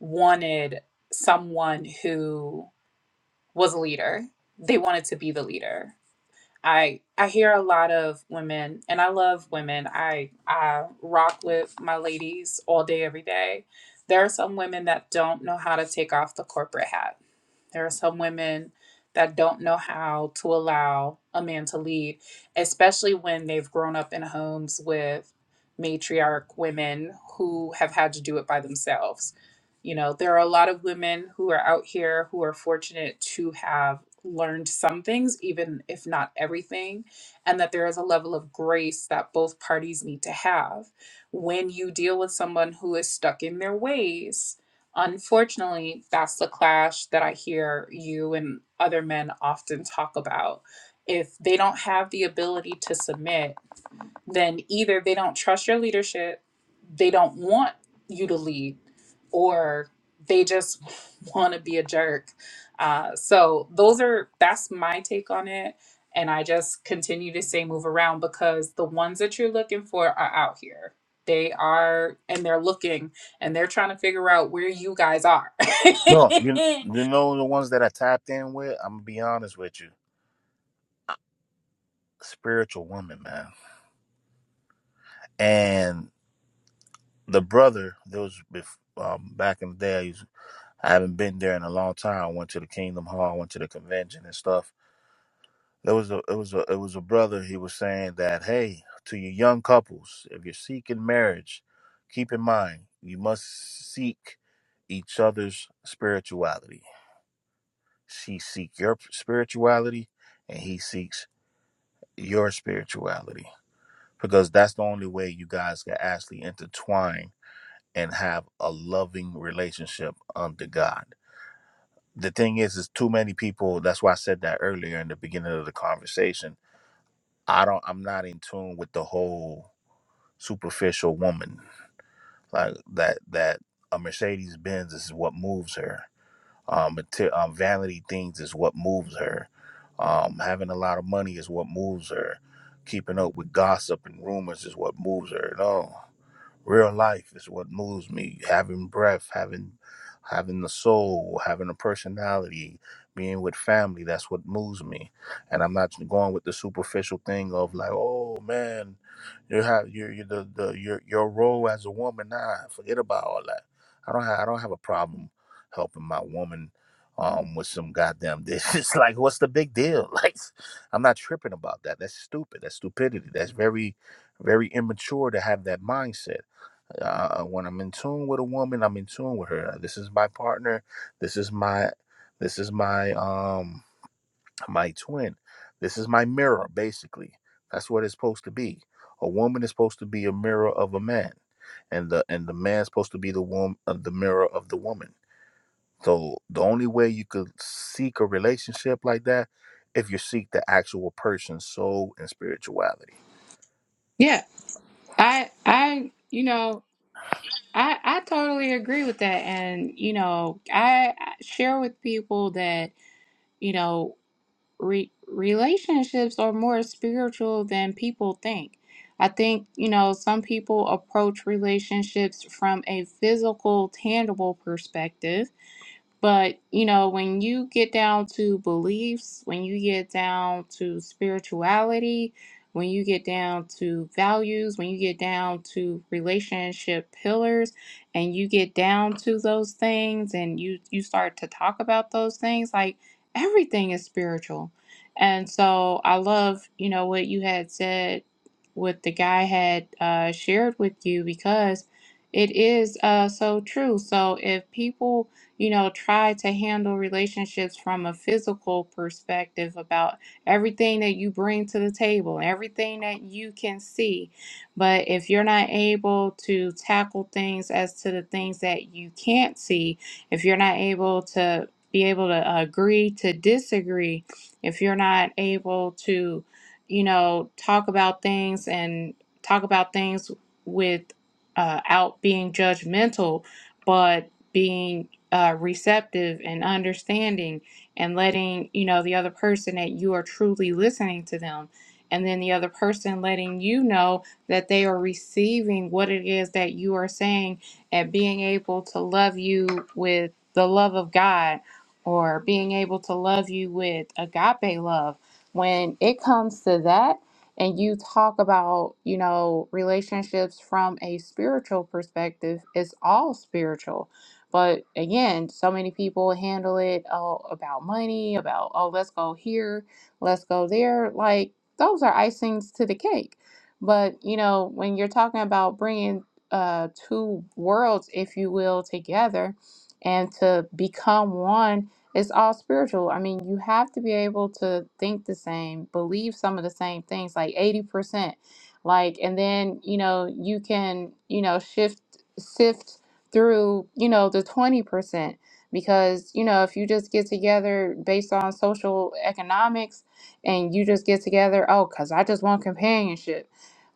C: wanted someone who was a leader. They wanted to be the leader. I I hear a lot of women and I love women. I I rock with my ladies all day every day. There are some women that don't know how to take off the corporate hat there are some women that don't know how to allow a man to lead, especially when they've grown up in homes with matriarch women who have had to do it by themselves. You know, there are a lot of women who are out here who are fortunate to have learned some things, even if not everything, and that there is a level of grace that both parties need to have. When you deal with someone who is stuck in their ways, Unfortunately, that's the clash that I hear you and other men often talk about. If they don't have the ability to submit, then either they don't trust your leadership they don't want you to lead or they just want to be a jerk uh, so those are that's my take on it and i just continue to say move around because the ones that you're looking for are out here they are and they're looking and they're trying to figure out where you guys are
D: No, you you know the ones that I tapped in with. I'm gonna be honest with you, spiritual woman, man. And the brother, there was bef- um, back in the day. I, used, I haven't been there in a long time. I went to the Kingdom Hall, went to the convention and stuff There was a it was a it was a brother. He was saying that hey, to you young couples, if you're seeking marriage, keep in mind you must seek each other's spirituality. She seek your spirituality, and he seeks your spirituality because that's the only way you guys can actually intertwine and have a loving relationship under God. The thing is, is too many people. That's why I said that earlier in the beginning of the conversation I don't I'm not in tune with the whole superficial woman like that that a Mercedes Benz is what moves her. Um, mate- um vanity things is what moves her. Um, having a lot of money is what moves her. Keeping up with gossip and rumors is what moves her. No. Real life is what moves me. Having breath, having having the soul, having a personality, being with family, that's what moves me. And I'm not going with the superficial thing of like, oh man, you have you you the, the your your role as a woman, nah, forget about all that. I don't have I don't have a problem helping my woman um with some goddamn dishes. like what's the big deal? Like I'm not tripping about that. That's stupid. That's stupidity. That's very, very immature to have that mindset uh, when I'm in tune with a woman, I'm in tune with her. Like, This is my partner. This is my, this is my um my twin. This is my mirror. Basically, that's what it's supposed to be. A woman is supposed to be a mirror of a man, and the and the man's supposed to be the woman, uh, the mirror of the woman. So the only way you could seek a relationship like that, if you seek the actual person's soul and spirituality.
A: Yeah, I I you know I I totally agree with that, and you know I, I share with people that you know re relationships are more spiritual than people think. I think you know some people approach relationships from a physical, tangible perspective, But, you know, when you get down to beliefs, when you get down to spirituality, when you get down to values, when you get down to relationship pillars, and you get down to those things and you, you start to talk about those things, like everything is spiritual. And so I love, you know, what you had said, what the guy had uh, shared with you, because it is uh, so true. So if people, you know, try to handle relationships from a physical perspective about everything that you bring to the table, everything that you can see. But if you're not able to tackle things as to the things that you can't see, if you're not able to be able to agree to disagree, if you're not able to, you know, talk about things and talk about things with uh, out being judgmental, but being uh, receptive and understanding and letting you know the other person that you are truly listening to them and then the other person letting you know that they are receiving what it is that you are saying and being able to love you with the love of god or being able to love you with agape love when it comes to that and you talk about you know relationships from a spiritual perspective it's all spiritual but again, so many people handle it oh, about money, about, oh, let's go here, let's go there. Like, those are icings to the cake. But, you know, when you're talking about bringing uh, two worlds, if you will, together and to become one, it's all spiritual. I mean, you have to be able to think the same, believe some of the same things, like 80%. Like, and then, you know, you can, you know, shift, sift through, you know, the 20%. Because, you know, if you just get together based on social economics and you just get together, oh, because I just want companionship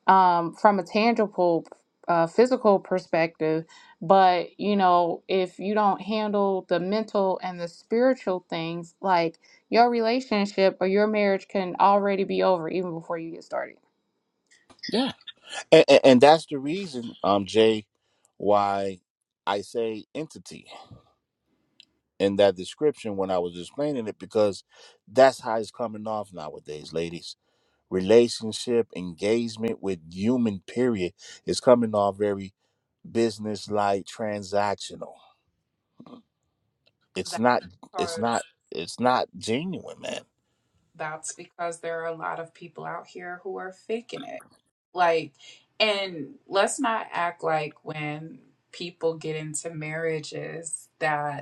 A: um, from a tangible, uh, physical perspective. But, you know, if you don't handle the mental and the spiritual things, like your relationship or your marriage can already be over even before you get started.
D: Yeah. And, and, and that's the reason, um, Jay, why I say entity in that description when I was explaining it, because that's how it's coming off nowadays, ladies. Relationship, engagement with human, period, is coming off very business like transactional. It's
C: that's
D: not, it's not,
C: because
D: it's not genuine, man.
C: that's because there are a lot of people out here who are faking it Like, and let's not act like when people get into marriages that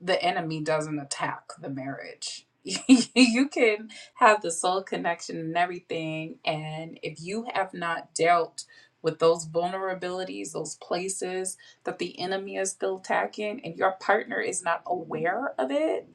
C: the enemy doesn't attack the marriage. you can have the soul connection and everything. And if you have not dealt with those vulnerabilities, those places that the enemy is still attacking, and your partner is not aware of it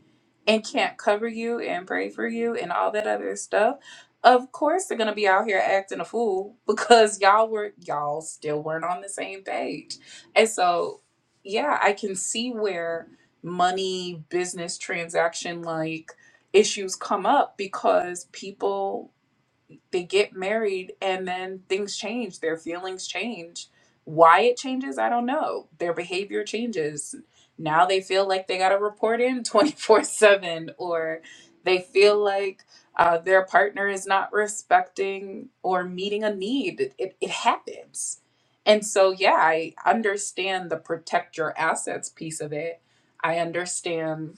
C: and can't cover you and pray for you and all that other stuff, of course they're going to be out here acting a fool because y'all were, y'all still weren't on the same page. And so, yeah, I can see where money business transaction like issues come up because people they get married and then things change their feelings change why it changes i don't know their behavior changes now they feel like they got to report in 24/7 or they feel like uh, their partner is not respecting or meeting a need it, it, it happens and so yeah i understand the protect your assets piece of it i understand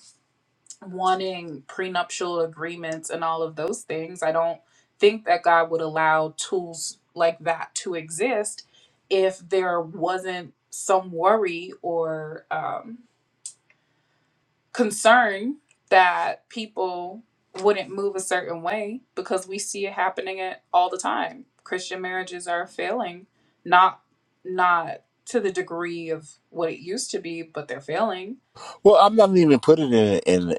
C: wanting prenuptial agreements and all of those things. I don't think that God would allow tools like that to exist if there wasn't some worry or um, concern that people wouldn't move a certain way because we see it happening it all the time. Christian marriages are failing, not not to the degree of what it used to be, but they're failing.
D: Well, I'm not even putting it in,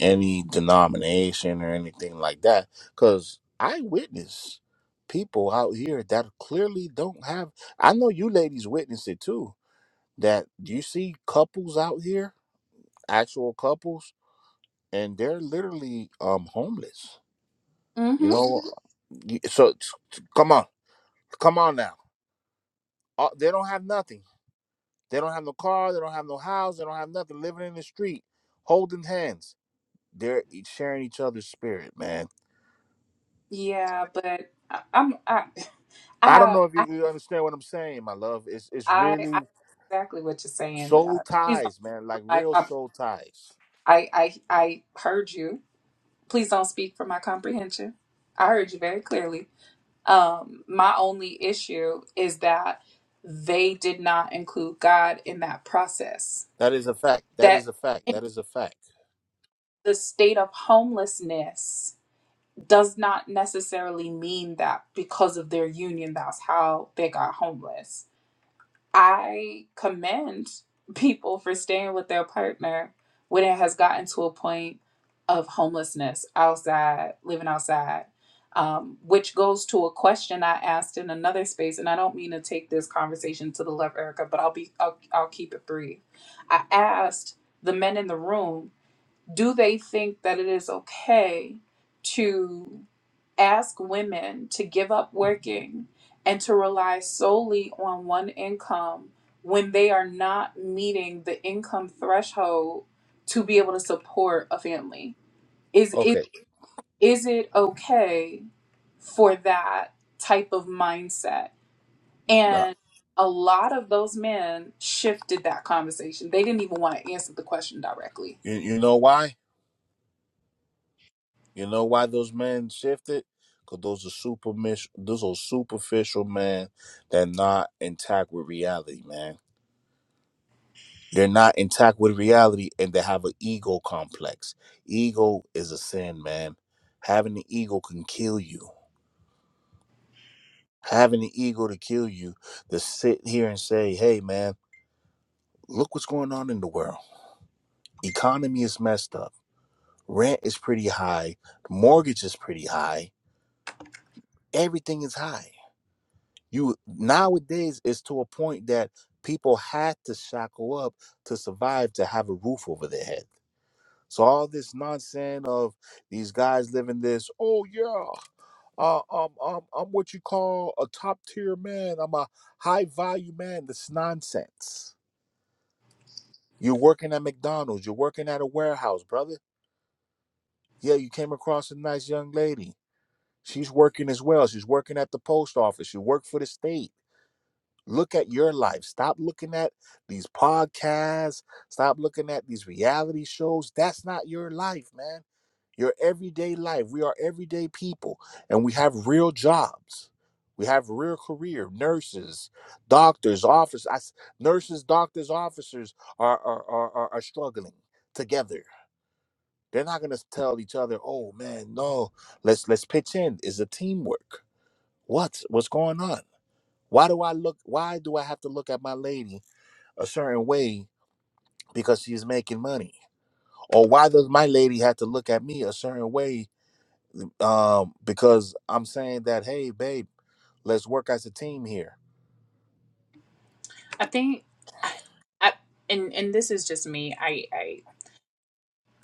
D: any denomination or anything like that because i witness people out here that clearly don't have i know you ladies witness it too that you see couples out here actual couples and they're literally um homeless you
C: hmm
D: know Mhm. You- so t- t- come on come on now Uh, they don't have nothing they don't have no car they don't have no house they don't have nothing living in the street holding hands they're e- sharing each other's spirit man
C: Yeah, but I, I'm I, I
D: I don't
C: have,
D: know if you
C: I,
D: you understand what I'm saying, my love. It's it's
C: I, I
D: really
C: exactly what you're saying.
D: soul
C: Uh, please don't
D: ties, man.
C: speak for
D: Like
C: my
D: real
C: comp-
D: soul ties.
C: I, I, I heard you. Please don't speak for my comprehension. I heard you very clearly. Um, my only issue is that they did not include God in that process.
D: That is a fact. That is
C: That
D: a fact.
C: in
D: That is a fact.
C: the state of homelessness does not necessarily mean that because of their union, that's how they got homeless I commend people for staying with their partner when it has gotten to a point of homelessness outside, living outside, um, which goes to a question I asked in another space. And I don't mean to take this conversation to the left, Erica, but I'll be I'll, I'll keep it brief. I asked the men in the room do they think that it is okay to ask women to give up working and to rely solely on one income when they are not meeting the income threshold to be able to support a family is is
D: Okay.
C: is it okay for that type of mindset
D: Now,
C: and a lot of those men shifted that conversation they didn't even want to answer the question directly
D: you you know why? You know why those men shifted? Cause those are super mis. those are superficial men that not intact with reality, man. They're not intact with reality and they have an ego complex. Ego is a sin, man. Having an ego can kill you having the ego to kill you to sit here and say, hey, man, look what's going on in the world. Economy is messed up. Rent is pretty high. Mortgage is pretty high. Everything is high. You nowadays is to a point that people had to shackle up to survive to have a roof over their head. So all this nonsense of these guys living this, oh yeah, uh, um, um, I'm what you call a top tier man. I'm a high value man. That's nonsense You're working at McDonald's, you're working at a warehouse, brother. Yeah, you came across a nice young lady. She's working as well. She's working at the post office. You work for the state. Look at your life. Stop looking at these podcasts. Stop looking at these reality shows. That's not your life, man. Your everyday life. We are everyday people and we have real jobs. We have real career. Nurses, doctors, officers, I, nurses, doctors, officers are, are, are, are are struggling together They're not gonna tell each other, "Oh man, no, let's let's pitch in." It's a teamwork. What what's going on? Why do I look? Why do I have to look at my lady a certain way because she's making money? Or why does my lady have to look at me a certain way um, because I'm saying that, "Hey, babe, let's work as a team here."
C: I think, I, I, and and this is just me. I I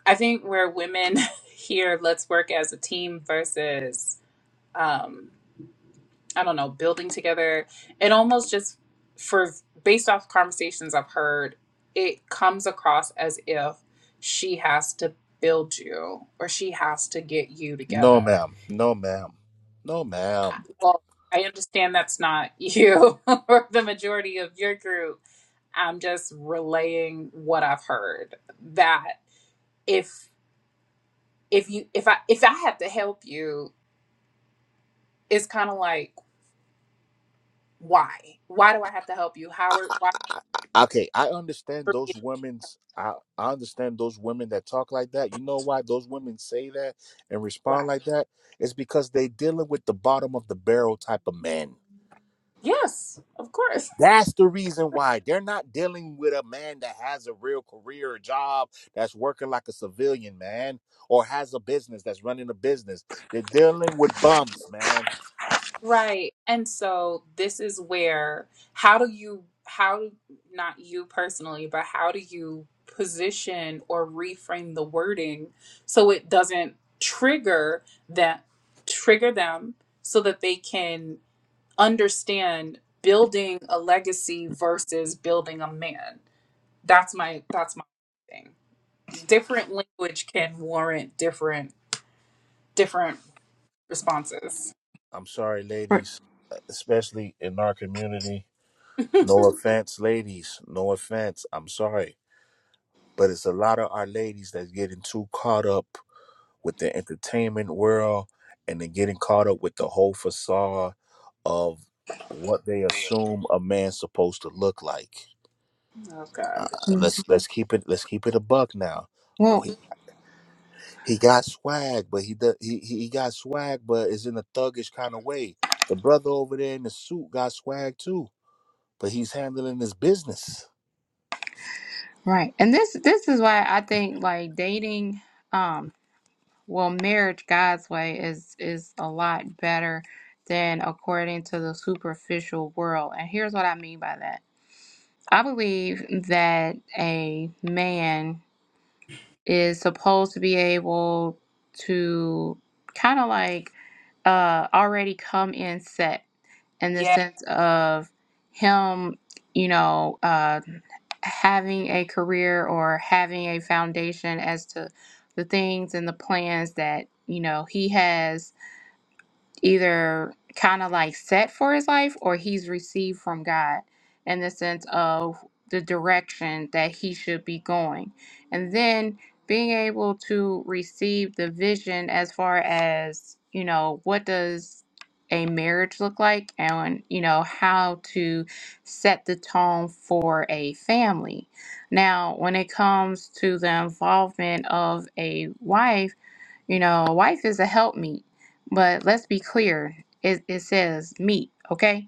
C: I think where women here, let's work as a team versus, um, I don't know, building together. It almost just for based off conversations I've heard, it comes across as if she has to build you or she has to get you
D: No,
C: together.
D: ma'am. No, ma'am. No, ma'am.
C: Well, I understand that's not you or the majority of your group I'm just relaying what I've heard that if if you if I if I have to help you, it's kind of like why? Why do I have to help you, Howard? Why
D: Okay, I understand
C: for me?
D: those women's. I, I understand those women that talk like that. You know why those women say that and respond
C: Why?
D: like that? It's because they dealing with the bottom of the barrel type of men.
C: Yes, of course.
D: That's the reason why they're not dealing with a man that has a real career or job that's working like a civilian man or has a business that's running a business. They're dealing with bums, man.
C: Right. And so this is where how do you how not you personally, but how do you position or reframe the wording so it doesn't trigger that trigger them so that they can understand building a legacy versus building a man. That's my that's my thing. Different language can warrant different different responses.
D: I'm sorry,
A: Right.
D: ladies, e, especially in our community. No offense, ladies. No offense. I'm sorry. but it's a lot of our ladies that's getting too caught up with the entertainment world and they're getting caught up with the whole facade of what they assume a man's supposed to look like.
C: Oh
D: Uh,
C: God.
A: Mm.
D: let's let's keep it let's keep it a buck now. Oh,
A: Well,
D: he, he got swag, but he, do- he he he got swag, but it's in a thuggish kind of way. The brother over there in the suit got swag too, but he's handling his business.
A: right. And this this is why I think like dating. um well marriage god's way is is a lot better than according to the superficial world and here's what i mean by that i believe that a man is supposed to be able to kind of like uh already come in set in the
C: Yeah.
A: sense of him, you know, uh, having a career or having a foundation as to the things and the plans that, you know, he has either kind of like set for his life or he's received from God in the sense of the direction that he should be going. And then being able to receive the vision as far as, you know, what does a marriage look like and, you know, how to set the tone for a family. Now, when it comes to the involvement of a wife, you know, a wife is a helpmeet but let's be clear it, it says meat, okay?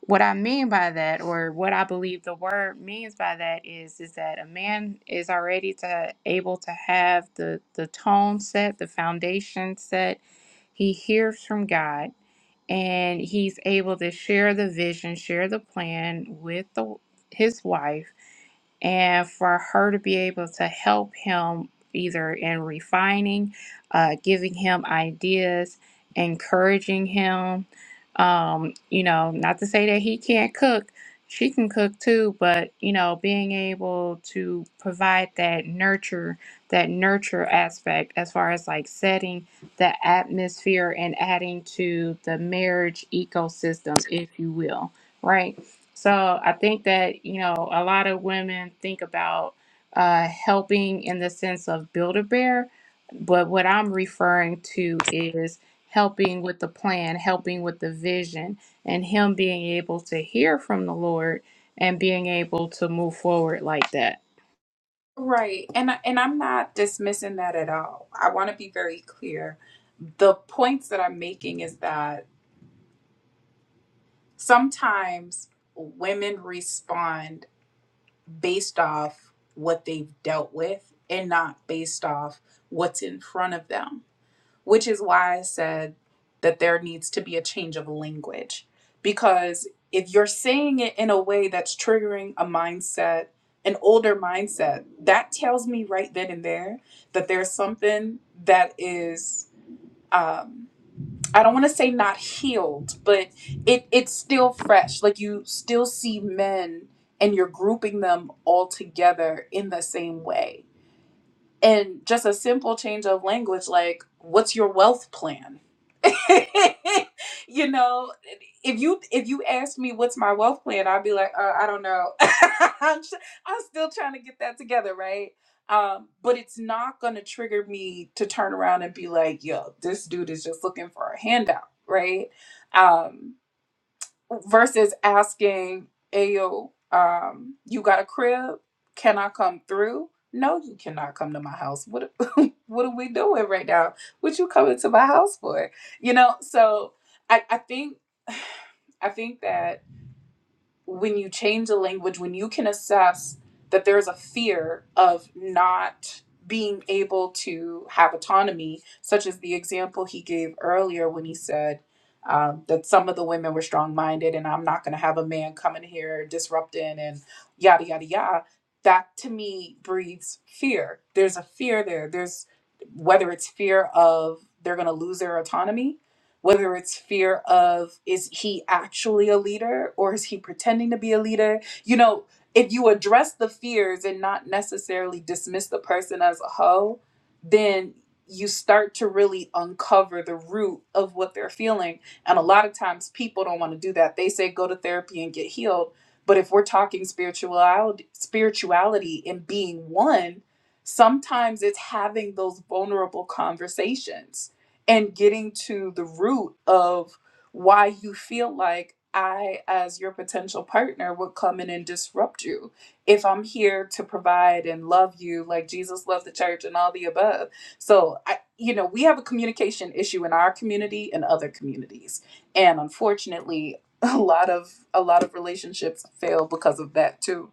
A: What I mean by that, or what I believe the word means by that, is is that a man is already to able to have the the tone set, the foundation set. He hears from God and he's able to share the vision, share the plan with the, his wife, and for her to be able to help him either in refining, uh, giving him ideas, encouraging him. Um, you know, not to say that he can't cook, she can cook too, but you know, being able to provide that nurture, that nurture aspect as far as like setting the atmosphere and adding to the marriage ecosystem, if you will, right? So I think that, you know, a lot of women think about uh, helping in the sense of build a bear, but what I'm referring to is helping with the plan, helping with the vision, and Him being able to hear from the Lord and being able to move forward like that.
C: Right. And I- and I'm not dismissing that at all. I want to be very clear. The points that I'm making is that sometimes women respond based off what they've dealt with and not based off what's in front of them. which is why I said that there needs to be a change of language. Because if you're saying it in a way that's triggering a mindset, an older mindset, that tells me right then and there that there's something that is, um, I don't want to say not healed, but it it's still fresh. Like you still see men and you're grouping them all together in the same way and just a simple change of language like what's your wealth plan you know, if you if you ask me what's my wealth plan, I'd be like, uh, I don't know. I'm, st- I'm still trying to get that together, right? Um, but it's not going to trigger me to turn around and be like, yo, this dude is just looking for a handout, right? Um, versus asking, Ayo, um, you got a crib? Can I come through? No, you cannot come to my house. What what are we doing right now? What you coming to my house for? You know, so I, I think I think that when you change the language, when you can assess that there's a fear of not being able to have autonomy, such as the example he gave earlier when he said um, that some of the women were strong minded and I'm not going to have a man coming here disrupting and yada, yada, yada. That to me breeds fear. There's a fear there. There's whether it's fear of they're going to lose their autonomy whether it's fear of is he actually a leader or is he pretending to be a leader you know if you address the fears and not necessarily dismiss the person as a hoe then you start to really uncover the root of what they're feeling and a lot of times people don't want to do that they say go to therapy and get healed but if we're talking spirituality spirituality and being one sometimes it's having those vulnerable conversations and getting to the root of why you feel like I, as your potential partner, would come in and disrupt you. If I'm here to provide and love you like Jesus loved the church and all the above. So, I, you know, we have a communication issue in our community and other communities. And unfortunately, a lot of a lot of relationships fail because of that too.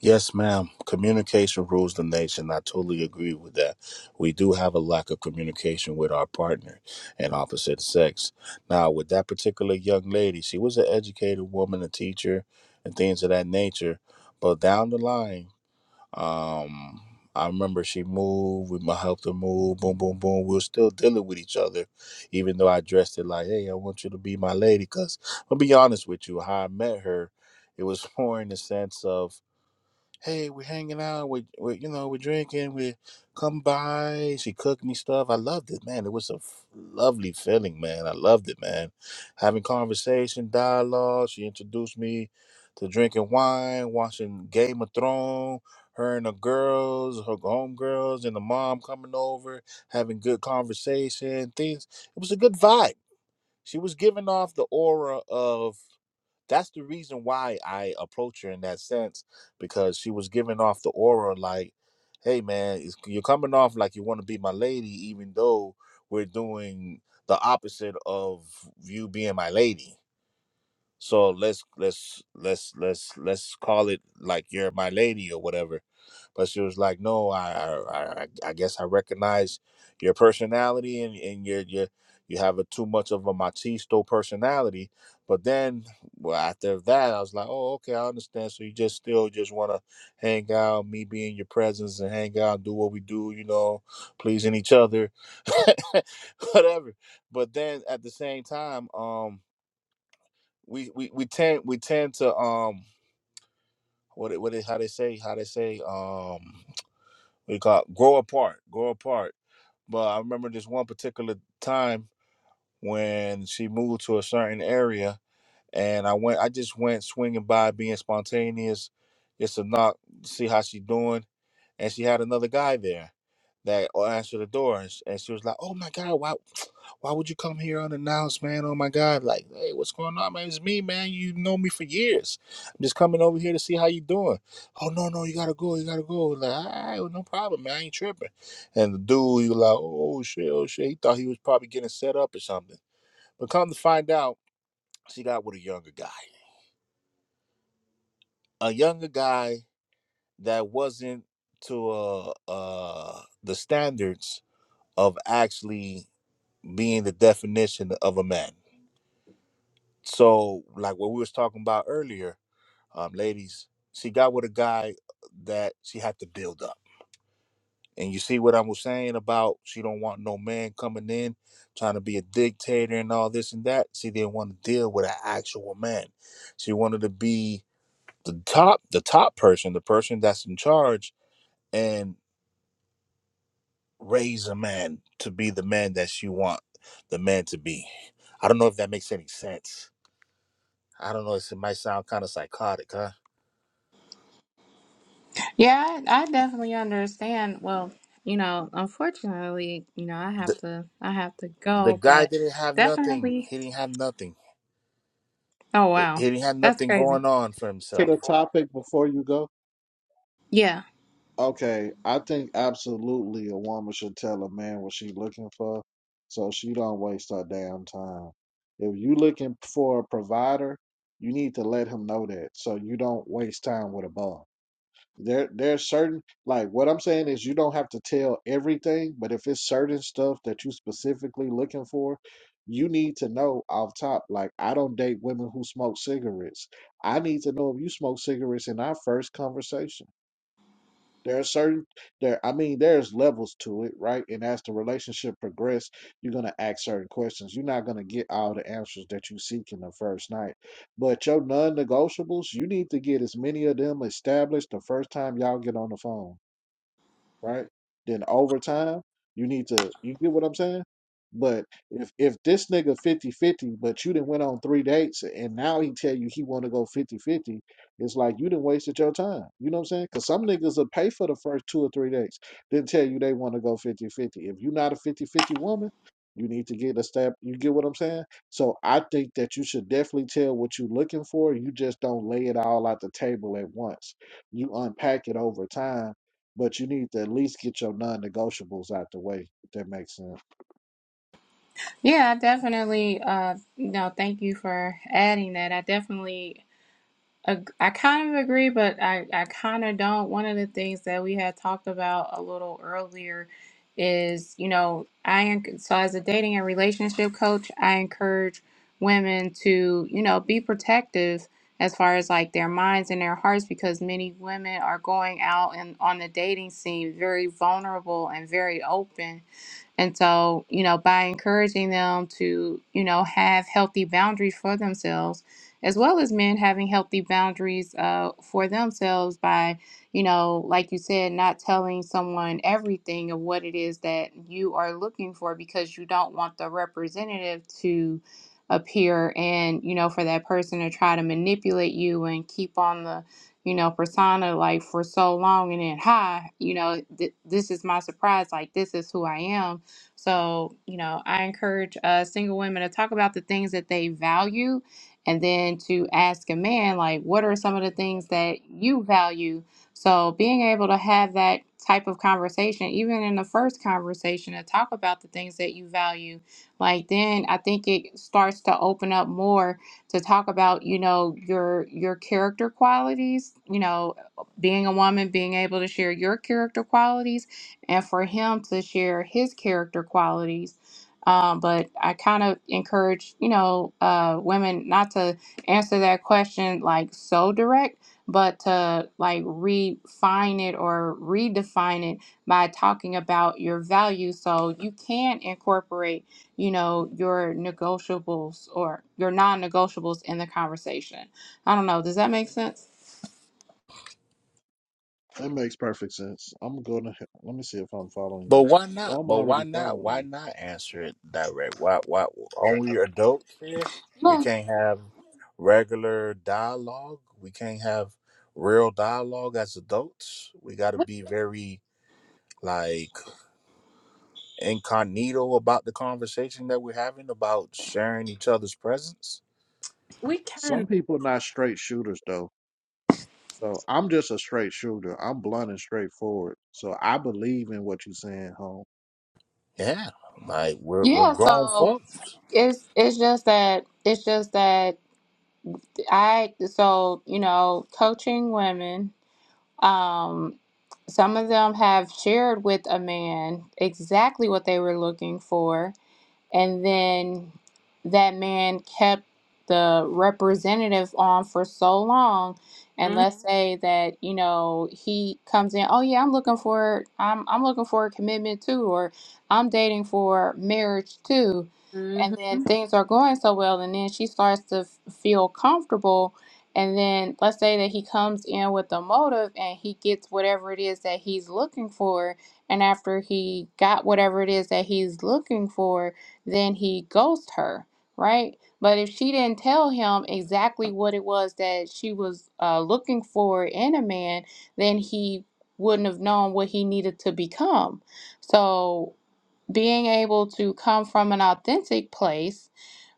D: Yes, ma'am. Communication rules the nation. I totally agree with that. We do have a lack of communication with our partner and opposite sex. Now, with that particular young lady, she was an educated woman, a teacher, and things of that nature. But down the line, um, I remember she moved. We mu- helped her move. Boom, boom, boom. We were still dealing with each other, even though I dressed it like, "Hey, I want you to be my lady." Because I'll be honest with you, how I met her, it was more in the sense of hey, we're hanging out, we we you know, we're drinking, we come by, she cooked me stuff. I loved it, man. It was a f- lovely feeling, man. I loved it, man. Having conversation, dialogue. She introduced me to drinking wine, watching Game of Thrones. Her and the girls, her homegirls, and the mom coming over, having good conversation, things. It was a good vibe. She was giving off the aura of that's the reason why I approach her in that sense because she was giving off the aura like, "Hey man, it's, you're coming off like you want to be my lady, even though we're doing the opposite of you being my lady." So let's let's let's let's let's call it like you're my lady or whatever. But she was like, "No, I, I, I I guess I recognize your personality, and and you're you're, you have a too much of a machisto personality." But then, well, after that, I was like, "Oh, okay, I understand." So you just still just want to hang out, me be in your presence, and hang out, do what we do, you know, pleasing each other, whatever. But then at the same time, um, we we we tend we tend to um, what it- what it, how they say how they say um we call it grow apart, grow apart. But I remember this one particular time when she moved to a certain area, and I went, I just went swinging by, being spontaneous, just to knock, see how she doing and she had another guy there that uh, answered the door, and sh- and she was like, "Oh my God, why, why would you come here unannounced, man? Oh my God, like, hey, what's going on, man? It's me, man. You know me for years. I'm just coming over here to see how you doing. Oh no, no, you gotta go, you gotta go. Like, all right, well, no problem, man. I ain't tripping. And the dude, he was like, oh shit, oh shit. He thought he was probably getting set up or something. But come to find out, she got with a younger guy, a younger guy that wasn't to uh uh the standards of actually being the definition of a man. So, like what we was talking about earlier, um, ladies, she got with a guy that she had to build up. And you see what I was saying about she don't want no man coming in trying to be a dictator and all this and that. She didn't want to deal with an actual man. She wanted to be the top, the top person, the person that's in charge. and. raise a man to be the man that you want the man to be. I don't know if that makes any sense. I don't know. It's, it might sound kind of psychotic, huh?
A: Yeah, I, I definitely understand. Well, you know, unfortunately, you know, I have
D: The,
A: to I have to
D: the
A: go,
D: guy
A: but
D: didn't have nothing.
A: definitely
D: He didn't have nothing.
A: oh wow.
D: He didn't have
A: That's
D: nothing
A: crazy.
D: going on for
E: to
D: himself.
E: the topic before you go?
A: Yeah.
E: Okay, I think absolutely a woman should tell a man what she's looking for, so she don't waste her damn time. If you looking for a provider, you need to let him know that, so you don't waste time with a bum. There there's certain like what I'm saying is you don't have to tell everything, but if it's certain stuff that you specifically looking for, you need to know off top. Like I don't date women who smoke cigarettes. I need to know if you smoke cigarettes in our first conversation. There are certain there I mean there's levels to it, right? And as the relationship progresses, you're gonna ask certain questions. You're not gonna get all the answers that you seek in the first night. But your non negotiables, you need to get as many of them established the first time y'all get on the phone right? Then over time, you need to you get what I'm saying? But if if this nigga fifty fifty, but you didn't went on three dates and now he tell you he wanna go fifty fifty, it's like you didn't wasted your time. You know what I'm saying? Cause some niggas will pay for the first two or three dates, then tell you they wanna go fifty fifty. If you're not a fifty fifty woman, you need to get a step. You get what I'm saying? So I think that you should definitely tell what you're looking for. You just don't lay it all out the table at once. You unpack it over time but you need to at least get your non-negotiables out the way. If that makes sense.
A: Yeah, I definitely uh you know, thank you for adding that. I definitely Ag- I kind of agree, but I, I kind of don't. One of the things that we had talked about a little earlier is, you know, I en- so as a dating and relationship coach, I encourage women to, you know, be protective as far as like their minds and their hearts because many women are going out and on the dating scene very vulnerable and very open and so, you know, by encouraging them to, you know, have healthy boundaries for themselves, as well as men having healthy boundaries uh, for themselves by, you know, like you said, not telling someone everything of what it is that you are looking for because you don't want the representative to appear and, you know, for that person to try to manipulate you and keep on the, you know, persona like for so long and then, hi, you know, th- this is my surprise, like this is who I am so, you know, I encourage uh, single women to talk about the things that they value and then to ask a man, like, what are some of the things that you value? So, being able to have that type of conversation, even in the first conversation, to talk about the things that you value, like, then I think it starts to open up more to talk about, you know, your your character qualities, you know, being a woman, being able to share your character qualities and for him to share his character qualities. Um, but I kind of encourage, you know, uh, women not to answer that question like so direct, but to like refine it or redefine it by talking about your values. So you can incorporate, you know, your negotiables or your non negotiables in the conversation. I don't know. Does that make sense?
E: That makes perfect sense. I'm gonna let me see if I'm following
D: But
E: you.
D: why
E: Well,
D: not?
E: I'm
D: But why
E: already
D: not?
E: following
D: Why
E: you.
D: not answer it direct? Why? Why aren't we adults here? We
A: Yeah.
D: can't have regular dialogue. We can't have real dialogue as adults. We got to
C: We,
D: be very like incognito about the conversation that we're having about sharing each other's presence.
C: we can.
E: Some people not straight shooters though. So I'm just a straight shooter. I'm blunt and straightforward. So I believe in what you're saying, home.
D: Yeah, like we're we're
A: Yeah.
D: grown
A: So
D: folks.
A: it's it's just that it's just that I so you know, coaching women, um, some of them have shared with a man exactly what they were looking for. And then that man kept the representative on for so long. And let's say that, you know, he comes in, oh yeah, I'm looking for I'm I'm looking for a commitment too, or I'm dating for marriage too.
C: Mm-hmm.
A: And then things are going so well, and then she starts to f- feel comfortable. And then let's say that he comes in with a motive and he gets whatever it is that he's looking for. And after he got whatever it is that he's looking for, then he ghosts her, right? But if she didn't tell him exactly what it was that she was uh, looking for in a man, then he wouldn't have known what he needed to become. So being able to come from an authentic place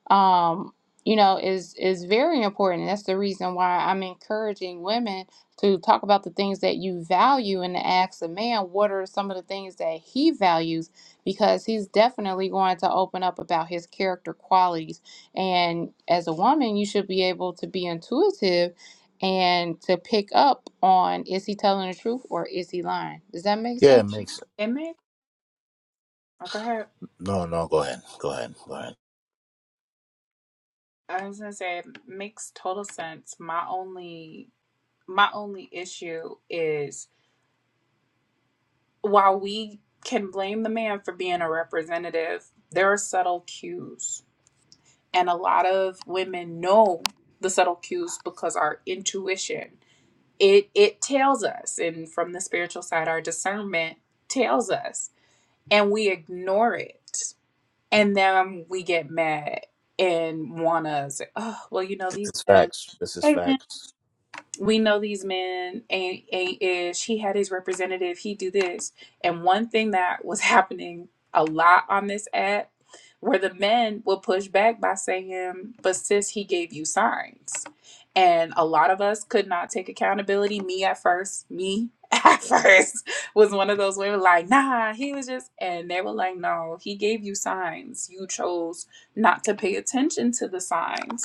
A: um, you know, is is very important. That's the reason why I'm encouraging women to talk about the things that you value and to ask a man what are some of the things that he values because he's definitely going to open up about his character qualities. And as a woman, you should be able to be intuitive and to pick up on is he telling the truth or is he lying? Does that make
D: Yeah, it
A: sense?
D: makes
C: Amen. Okay.
D: no no. Go ahead, go ahead, go ahead.
C: I was gonna say it makes total sense. My only my only issue is while we can blame the man for being a representative, there are subtle cues. And a lot of women know the subtle cues because our intuition it it tells us and from the spiritual side our discernment tells us and we ignore it. And then we get mad and wanna say, Oh, well, you know, these
D: This is
C: men
D: facts. This is
C: Hey,
D: facts.
C: we know these men ain't ain't ish. He had his representative. He do this. And one thing that was happening a lot on this app, where the men will push back by saying, "But sis, he gave you signs." And a lot of us could not take accountability. Me at first, me at first was one of those women like, nah, he was just, and they were like, no, he gave you signs. You chose not to pay attention to the signs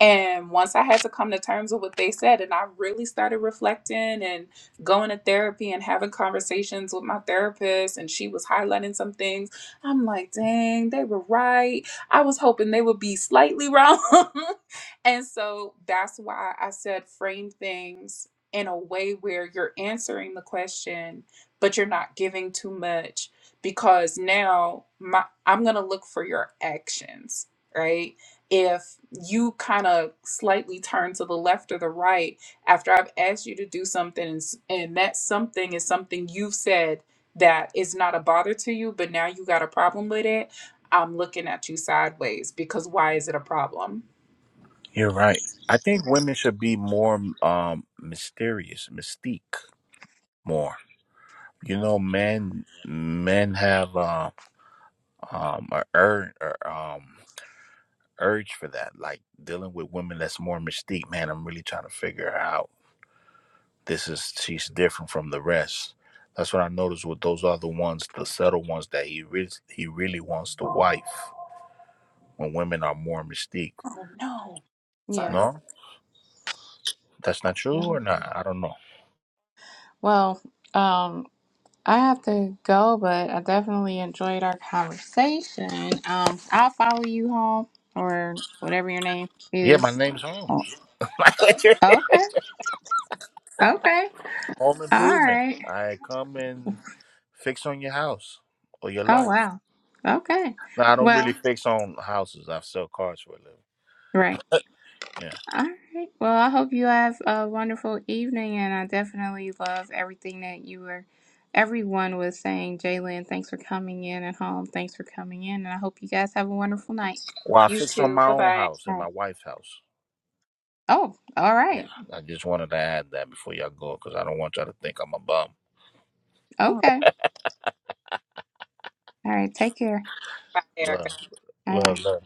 C: and once I had to come to terms with what they said, and I really started reflecting and going to therapy and having conversations with my therapist, and she was highlighting some things. I'm like, dang, they were right. I was hoping they would be slightly wrong. and so that's why I said frame things in a way where you're answering the question, but you're not giving too much because now my I'm gonna look for your actions, right? if you kind of slightly turn to the left or the right after I've asked you to do something, and, s- and that something is something you've said that is not a bother to you, but now you got a problem with it, I'm looking at you sideways because why is it a problem?
D: You're right. I think women should be more um mysterious, mystique more. You know, men men have uh, um a urge um urge for that, like dealing with women that's more mystique. Man, I'm really trying to figure out This is she's different from the rest. That's what I noticed with those other ones, the subtle ones that he really he really wants the wife when women are more mystique.
C: Oh no.
A: Yeah.
C: Sorry.
D: No? That's not true
A: Mhm.
D: or not? I don't know.
A: Well, Um. I have to go, but I definitely enjoyed our conversation. Um, I'll follow you home or whatever your name
D: Yeah, my
A: is.
D: name's Holmes.
A: Oh, okay. Okay.
D: Home
A: All
D: improvement.
A: right.
D: I come and fix on your house or your
A: Oh,
D: life.
A: wow. Okay.
D: No, I don't really
A: Well,
D: fix on houses. I sell cars for a living.
A: right.
D: Yeah.
A: All right. Well, I hope you have a wonderful evening, and I definitely love everything that you were, everyone was saying. Jalen, thanks for coming in at home. Thanks for coming in, and I hope you guys have a wonderful night.
D: Well, I
C: You
D: fix on
C: too.
D: my
C: Bye
D: own
C: bye.
D: house
A: All
D: and my
A: right.
D: wife's house.
A: Oh, all
D: Yeah.
A: right.
D: I just wanted to add that before y'all go because I don't want y'all to think I'm a bum.
C: Oh,
A: Okay. All right. Take care.
C: bye, Erica.
D: Love,
A: Bye bye.
D: love, love.